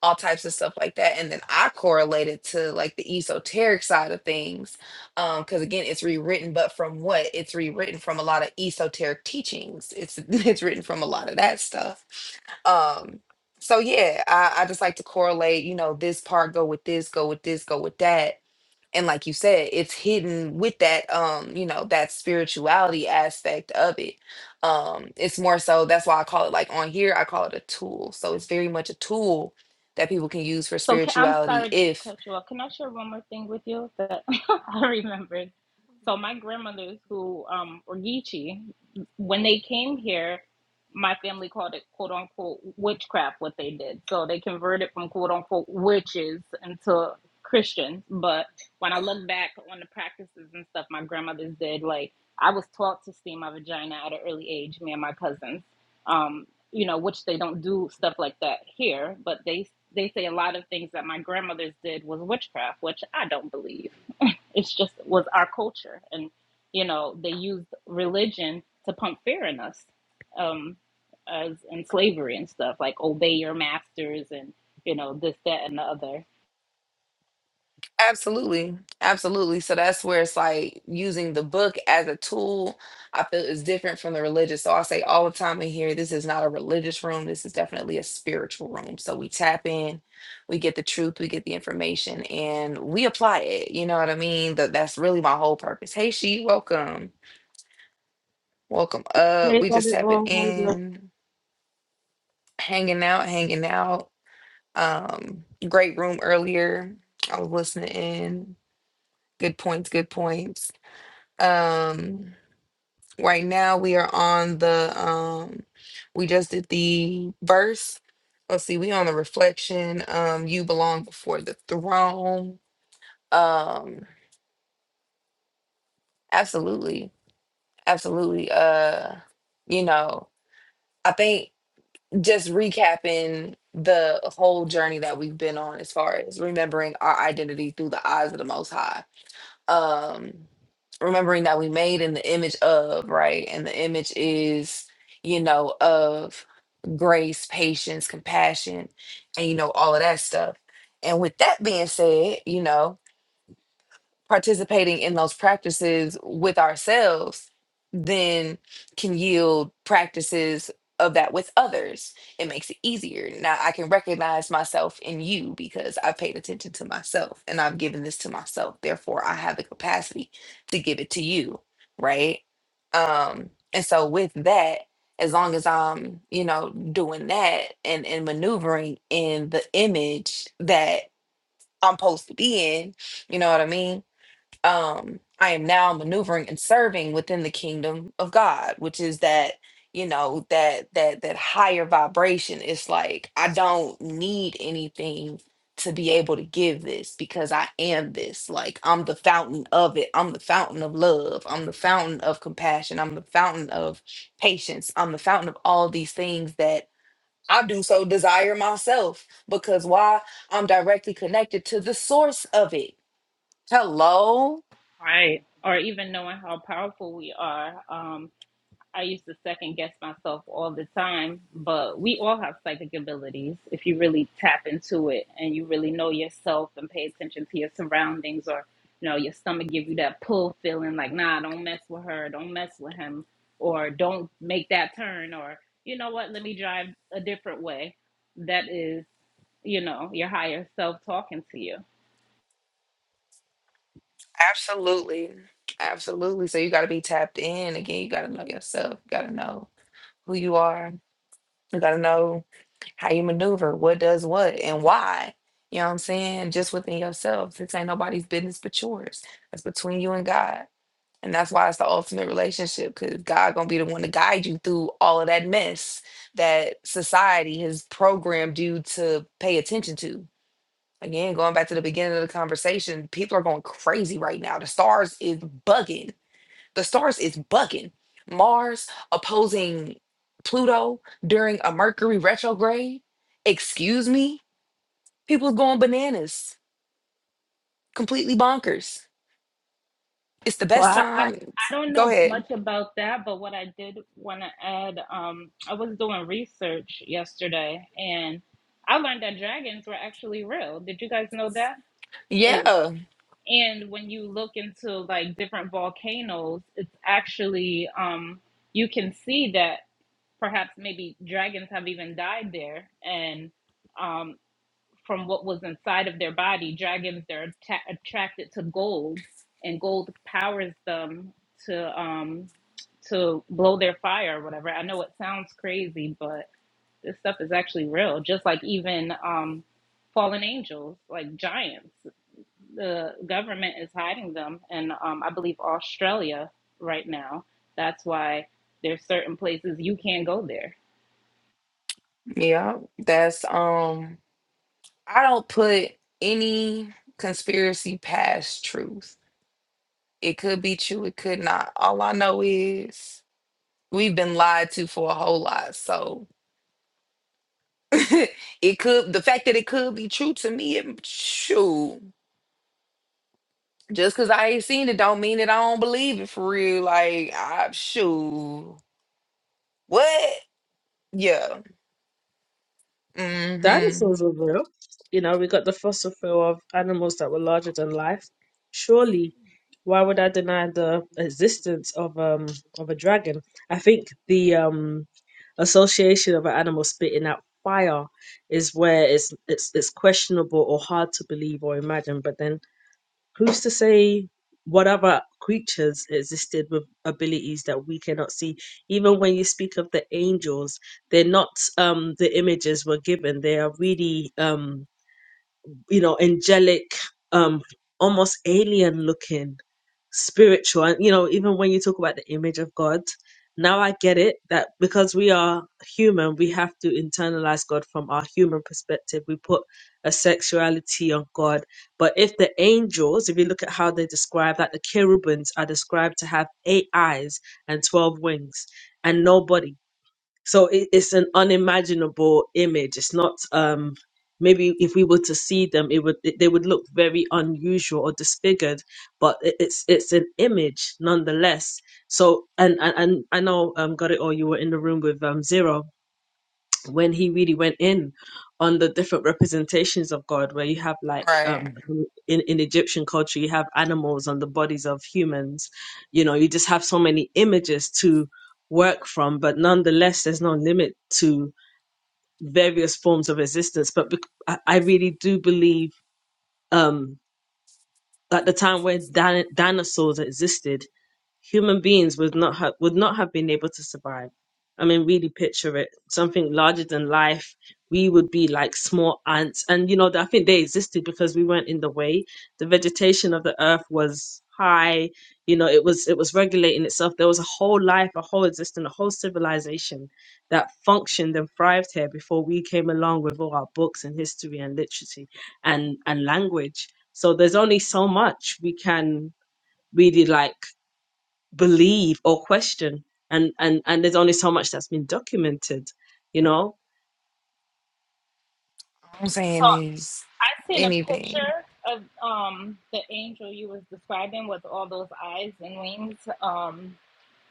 S2: all types of stuff like that. And then I correlate it to like the esoteric side of things. Um, because again, it's rewritten, but from what? It's rewritten from a lot of esoteric teachings. It's [laughs] it's written from a lot of that stuff. Um so yeah, I, I just like to correlate, you know, this part go with this, go with this, go with that and like you said it's hidden with that um you know that spirituality aspect of it um it's more so that's why i call it like on here i call it a tool so it's very much a tool that people can use for
S3: So can, I'm
S2: spirituality
S3: sorry to
S2: if
S3: cut you off. Can I share one more thing with you that [laughs] I remembered? So my grandmothers, who um, were Geechee, when they came here, my family called it "quote unquote" witchcraft. What they did, so they converted from "quote unquote" witches into Christians. But when I look back on the practices and stuff my grandmothers did, like I was taught to steam my vagina at an early age, me and my cousins. Um, you know, which they don't do stuff like that here, but they they say a lot of things that my grandmothers did was witchcraft, which I don't believe. It's just was our culture, and you know, they used religion to pump fear in us, um, as in slavery and stuff like obey your masters and you know this, that, and the other,
S2: Absolutely. Absolutely. So that's where it's like using the book as a tool, I feel is different from the religious. So I say all the time in here, this is not a religious room. This is definitely a spiritual room. So we tap in, we get the truth, we get the information, and we apply it. You know what I mean? That that's really my whole purpose. Hey she, welcome. Welcome. Uh
S4: They
S2: we
S4: got
S2: just
S4: it
S2: tapping
S4: all hard
S2: in, hanging out, hanging out. Um, great room earlier. I was listening in. Good points, good points. um right now we are on the um we just did the verse let's see we on the reflection um you belong before the throne um absolutely absolutely uh you know i think just recapping the whole journey that we've been on as far as remembering our identity through the eyes of the most high um remembering that we made in the image of right and the image is you know of grace patience compassion and you know all of that stuff and with that being said you know participating in those practices with ourselves then can yield practices of that with others it makes it easier now i can recognize myself in you because i paid attention to myself and i've given this to myself therefore i have the capacity to give it to you right um and so with that as long as i'm you know doing that and and maneuvering in the image that i'm supposed to be in you know what i mean um i am now maneuvering and serving within the kingdom of god which is that you know that that that higher vibration it's like i don't need anything to be able to give this because i am this like i'm the fountain of it i'm the fountain of love i'm the fountain of compassion i'm the fountain of patience i'm the fountain of all these things that i do so desire myself because why i'm directly connected to the source of it hello
S3: Right. or even knowing how powerful we are. Um, I used to second guess myself all the time, but we all have psychic abilities if you really tap into it and you really know yourself and pay attention to your surroundings or you know your stomach give you that pull feeling like nah, don't mess with her, don't mess with him or don't make that turn or you know what, let me drive a different way. That is, you know, your higher self talking to you
S2: Absolutely. Absolutely. So you got to be tapped in. Again, you got to know yourself. You got to know who you are. You got to know how you maneuver, what does what, and why. You know what I'm saying? Just within yourself. This ain't nobody's business but yours. That's between you and God. And that's why it's the ultimate relationship because God going to be the one to guide you through all of that mess that society has programmed you to pay attention to. Again, going back to the beginning of the conversation, people are going crazy right now. The stars is bugging. The stars is bugging. Mars opposing Pluto during a Mercury retrograde. Excuse me? People's going bananas. Completely bonkers. It's the
S3: So
S2: best
S3: I, I, I
S2: time.
S3: don't
S2: Go
S3: know
S2: ahead.
S3: much about that, but what I did want to add, um, I was doing research yesterday and I learned that dragons were actually real. Did you guys know that? And
S2: Yeah.
S3: and when you look into like different volcanoes, it's actually um, you can see that perhaps maybe dragons have even died there and. um, from what was inside of their body. Dragons, they're atta- attracted to gold, and gold powers them to um to blow their fire or whatever. I know it sounds crazy, but this stuff is actually real. Just like even um fallen angels, like giants, the government is hiding them, and um, I believe Australia right now. That's why there's certain places you can't go there.
S2: Yeah. That's um I don't put any conspiracy past truth. It could be true, it could not. All I know is We've been lied to for a whole lot. So [laughs] it could the fact that it could be true to me, it, shoot. Just cause I ain't seen it don't mean that I don't believe it for real. Like I shoot. What? Yeah. Mm-hmm.
S4: Dinosaurs were real. You know, we got the fossil fuel of animals that were larger than life. Surely, why would I deny the existence of um of a dragon? I think the um association of an animal spitting out fire is where it's it's it's questionable or hard to believe or imagine. But then who's to say what other creatures existed with abilities that we cannot see even when you speak of the angels they're not um the images were given they are really um you know angelic um almost alien looking spiritual and you know even when you talk about the image of god now i get it that because we are human we have to internalize god from our human perspective we put a sexuality on god but if the angels if you look at how they describe that the cherubims are described to have eight eyes and 12 wings and nobody so it, it's an unimaginable image it's not um maybe if we were to see them it would it, they would look very unusual or disfigured but it, it's it's an image nonetheless so and and, and i know um got it or you were in the room with um zero when he really went in on the different representations of God, where you have like
S2: Right.
S4: um, in in Egyptian culture, you have animals on the bodies of humans. You know, you just have so many images to work from, but nonetheless, there's no limit to various forms of existence. But bec- I I really do believe um, at the time when din- dinosaurs existed human beings would not have would not have been able to survive. I mean, really picture it. Something larger than life. We would be like small ants, and you know, I think they existed because we weren't in the way. The vegetation of the earth was high. You know, it was it was regulating itself. There was a whole life, a whole existence, a whole civilization that functioned and thrived here before we came along with all our books and history and literacy and and language. So there's only so much we can really like believe or question and and and there's only so much that's been documented you know
S2: I'm saying is
S3: I seen a
S2: anything.
S3: picture of um the angel you was describing with all those eyes and wings. Um,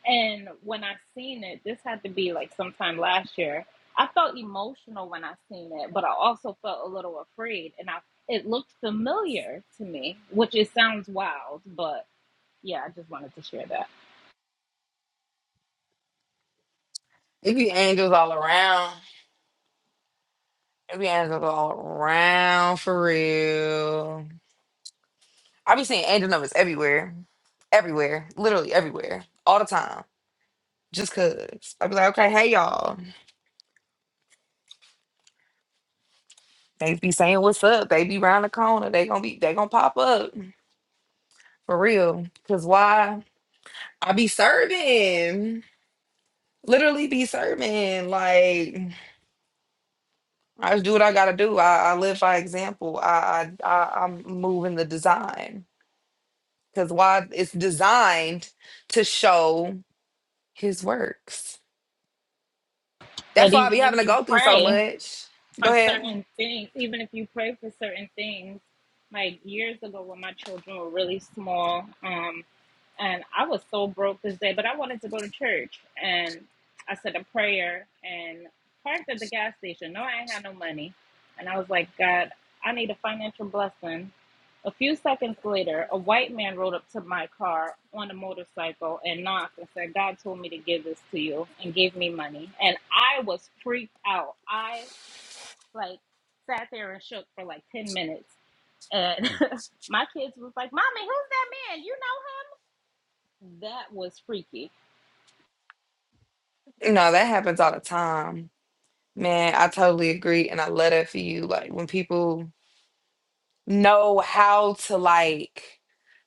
S3: and when I seen it, this had to be like sometime last year. I felt emotional when I seen it, but I also felt a little afraid, and I it looked familiar to me, which it sounds wild, but yeah, I just wanted to share that.
S2: It be angels all around. It be angels all around for real. I be seeing angel numbers everywhere. Everywhere. Literally everywhere. All the time. just cause I be like, okay, hey y'all, they be saying what's up, they be round the corner, they gonna be, they gonna pop up for real. Cause why? I be serving, literally be serving. Like I just do what I gotta do. I, I live by example. I, I, I I'm moving the design. Cause why? It's designed to show His works. That's
S3: But
S2: why I be
S3: even
S2: having
S3: if
S2: to
S3: you
S2: go through so
S3: pray.
S2: much. Go
S3: for
S2: ahead.
S3: certain things, even if you pray for certain things, like years ago when my children were really small, um, and I was so broke this day, but I wanted to go to church, and I said a prayer and parked at the gas station. No, I ain't had no money, and I was like, God, I need a financial blessing. A few seconds later, a white man rode up to my car on a motorcycle and knocked and said, God told me to give this to you and gave me money. And I was freaked out. I like sat there and shook for like 10 minutes and [laughs] my kids was like mommy who's that man you know him that was freaky
S2: No, that happens all the time Man, I totally agree, and I love that for you. Like when people know how to like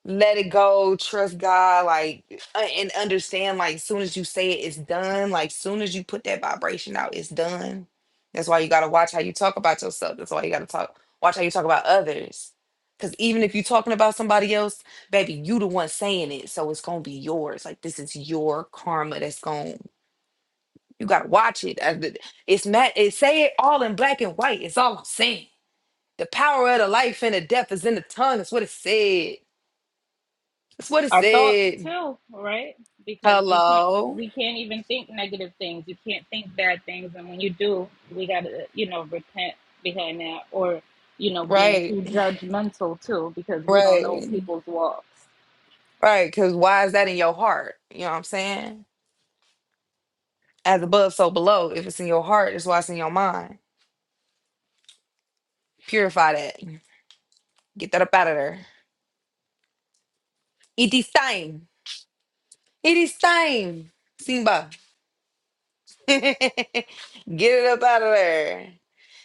S2: let it go, trust God, like uh, and understand like soon as you say it, it's done. Like soon as you put that vibration out, it's done. That's why you gotta watch how you talk about yourself. That's why you gotta talk watch how you talk about others. Cause even if you're talking about somebody else, baby, you the one saying it, so it's gonna be yours. Like this is your karma that's gone you gotta watch it. I- th- It's mad. It say it all in black and white. It's all I'm saying. The power of the life and the death is in the tongue. That's what it said. That's what it
S3: our thoughts
S2: said.
S3: too right because we can't
S2: Hello.
S3: we can't even think negative things you can't think bad things and when you do we gotta you know repent behind that or you know being
S2: Right.
S3: too judgmental too because we don't
S2: Right.
S3: know people's walks
S2: Right. Cause why is that in your heart? You know what I'm saying? As above, so below. If it's in your heart, it's why it's in your mind. Purify that. Get that up out of there. It is time. It is time. Simba. [laughs] Get it up out of there.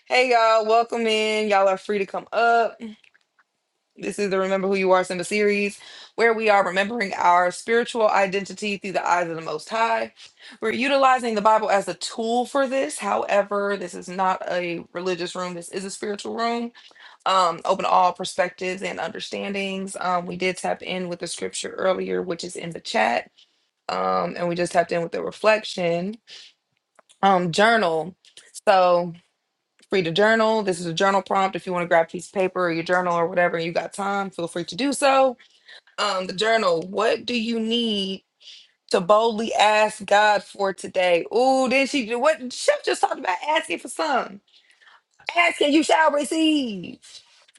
S2: Hey y'all, welcome in. Y'all are free to come up. This is the Remember Who You Are Simba series, where we are remembering our spiritual identity through the eyes of the Most High. We're utilizing the Bible as a tool for this. However, this is not a religious room. This is a spiritual room, um, open to all perspectives and understandings. Um, we did tap in with the scripture earlier, which is in the chat, um, and we just tapped in with the reflection um, journal. So free to journal. This is a journal prompt. If you want to grab a piece of paper or your journal or whatever, and you got time, feel free to do so. Um, the journal. What do you need to boldly ask God for today? Ooh, then she do what Chef just talked about asking for some. Asking you shall receive.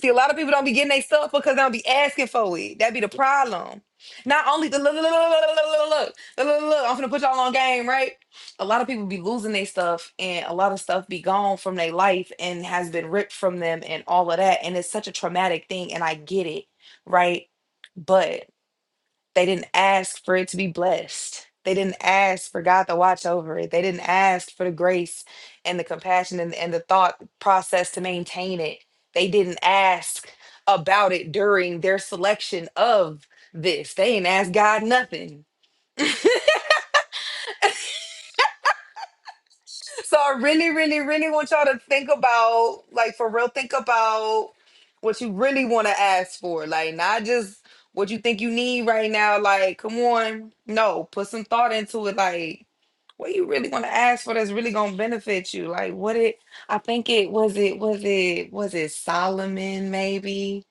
S2: See, a lot of people don't be getting their stuff because they don't be asking for it. That be the problem. Not only the look, look, look, look, look, look, look, look, look, look, I'm gonna put y'all on game, right? A lot of people be losing their stuff, and a lot of stuff be gone from their life and has been ripped from them, and all of that. And it's such a traumatic thing, and I get it, right? They didn't ask for it to be blessed. They didn't ask for God to watch over it. They didn't ask for the grace and the compassion and, and the thought process to maintain it. They didn't ask about it during their selection of this. They didn't ask God nothing. So I really, really, really want y'all to think about, like for real, think about what you really want to ask for. Like not just what you think you need right now. Like, come on. No, put some thought into it. Like, what you really want to ask for that's really gonna benefit you. Like what it I think it was it was it was it Solomon maybe?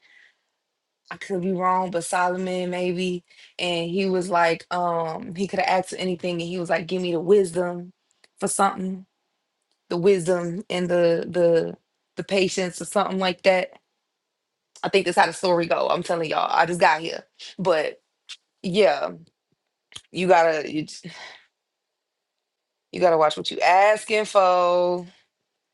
S2: I could be wrong, but Solomon maybe. And he was like, um, he could have asked for anything and he was like, give me the wisdom for something the wisdom and the the the patience or something like that. I think that's how the story go. I'm telling y'all, I just got here, but yeah, you gotta you, j- you gotta watch what you asking for.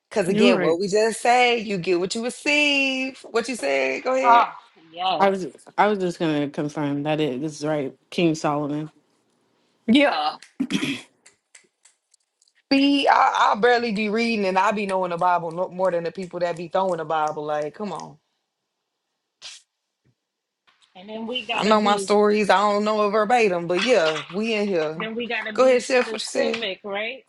S2: Cause
S1: You're
S2: again, what
S1: right.
S2: we just say, you get what you receive. What you said, go ahead.
S3: oh yes
S1: I was I was just gonna confirm that it is right, King Solomon.
S2: Yeah. See, I, I barely be reading and I be knowing the Bible no- more than the people that be throwing the Bible. Like, come on.
S3: and then we
S2: I
S3: gotta
S2: know my
S3: be
S2: stories. I don't know it verbatim, but yeah, we in here.
S3: Then we got to
S2: Go ahead,
S3: be
S2: Chef. What you said?
S3: specific, right?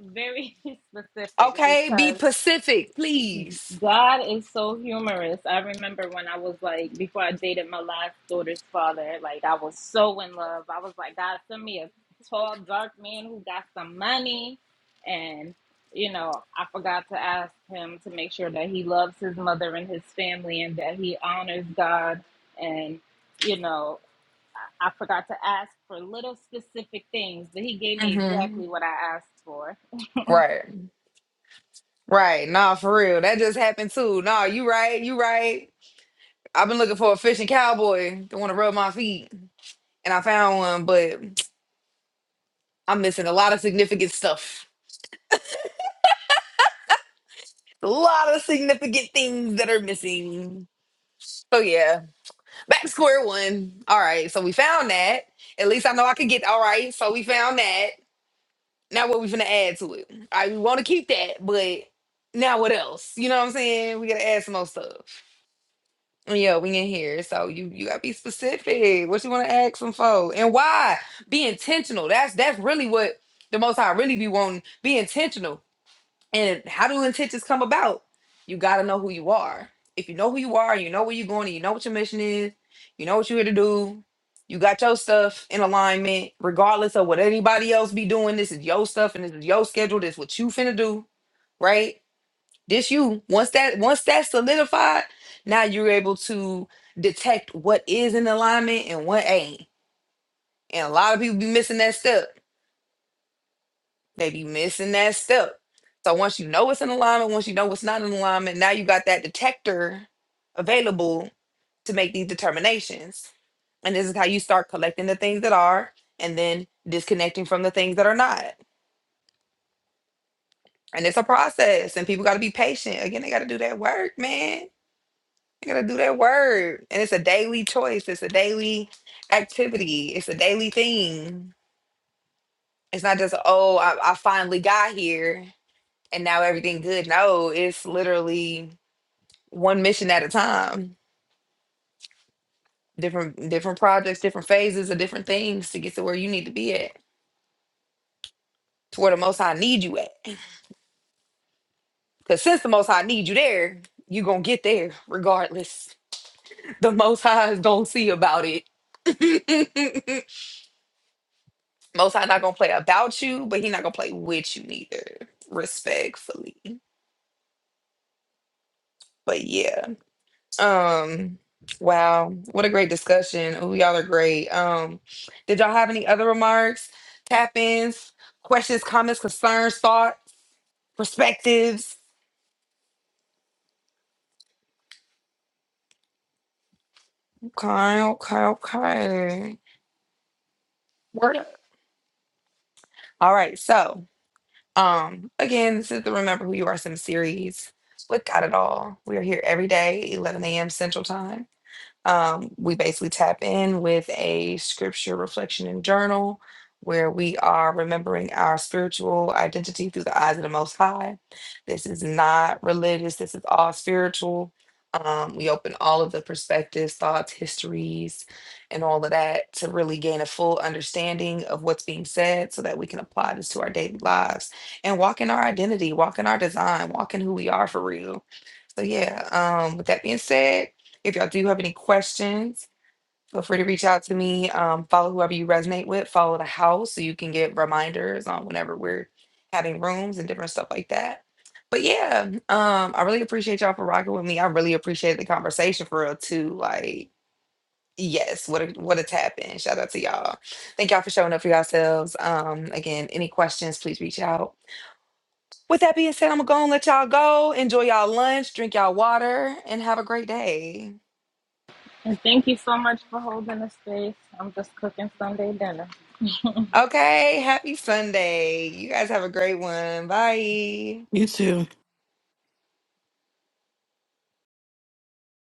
S3: Very [laughs] specific
S2: Okay, be
S3: because
S2: Pacific, please.
S3: God is so humorous. I remember when I was like, before I dated my last daughter's father, like I was so in love. I was like, God, send me a tall, dark man who got some money. And, you know, I forgot to ask him to make sure that he loves his mother and his family and that he honors God. And, you know, I forgot to ask for little specific things, but he gave me
S2: hmm
S3: exactly what I asked for.
S2: Right, right. Nah, for real. That just happened too. Nah, you right, you right. I've been looking for a fishing cowboy to want to rub my feet, and I found one, but I'm missing a lot of significant stuff. A lot of significant things that are missing. So yeah, back to square one. All right, so we found that. At least I know I could get. All right, so we found that. Now what we finna add to it? I we want to keep that, but now what else? You know what I'm saying? We gotta add some more stuff. Yeah, we in here, so you you gotta be specific. What you want to ask them for, and why? Be intentional. That's that's really what the most High really be wanting. Be intentional. And how do intentions come about? You got to know who you are. If you know who you are, you know where you're going, and you know what your mission is, you know what you're here to do, you got your stuff in alignment, regardless of what anybody else be doing. This is your stuff and this is your schedule. This what you finna do, right? This you. Once that once that's solidified, now you're able to detect what is in alignment and what ain't. And a lot of people be missing that step They be missing that step. So once you know what's in alignment, once you know what's not in alignment, now you got that detector available to make these determinations. And this is how you start collecting the things that are and then disconnecting from the things that are not. And it's a process, and people got to be patient. Again, they got to do that work, man. They got to do that work. And it's a daily choice, it's a daily activity, it's a daily thing. It's not just, oh, I, I finally got here and now everything good. No, it's literally one mission at a time, different different projects, different phases of different things to get to where you need to be at, to where the most high need you at. Because since the most high need you there, you gonna get there regardless. The most high is gonna see about it. [laughs] most high not gonna play about you, but he not gonna play with you neither, respectfully. But yeah. Um, wow, what a great discussion. Oh, y'all are great. Um, did y'all have any other remarks, tap-ins, questions, comments, concerns, thoughts, perspectives? Okay, okay, okay. Word up. All right, so um again, this is the Remember Who You Are Sim series with Got It All. We are here every day, 11 a.m. Central Time. Um, we basically tap in with a scripture reflection and journal where we are remembering our spiritual identity through the eyes of the Most High. This is not religious, this is all spiritual. Um, we open all of the perspectives, thoughts, histories, and all of that to really gain a full understanding of what's being said so that we can apply this to our daily lives and walk in our identity, walk in our design, walk in who we are for real so yeah, um, with that being said, if y'all do have any questions, feel free to reach out to me. Um, follow whoever you resonate with, follow the house so you can get reminders on whenever we're having rooms and different stuff like that. But yeah, um, I really appreciate y'all for rocking with me. I really appreciate the conversation for real too. Like, yes, what a what a tap in. Shout out to y'all. Thank y'all for showing up for yourselves. Um, again, any questions, please reach out. With that being said, I'm gonna go and let y'all go. Enjoy y'all lunch, drink y'all water, and have a great day.
S3: And thank you so much for holding the space. I'm just cooking Sunday dinner.
S2: Okay, happy Sunday. You guys have a great one. Bye.
S1: You too.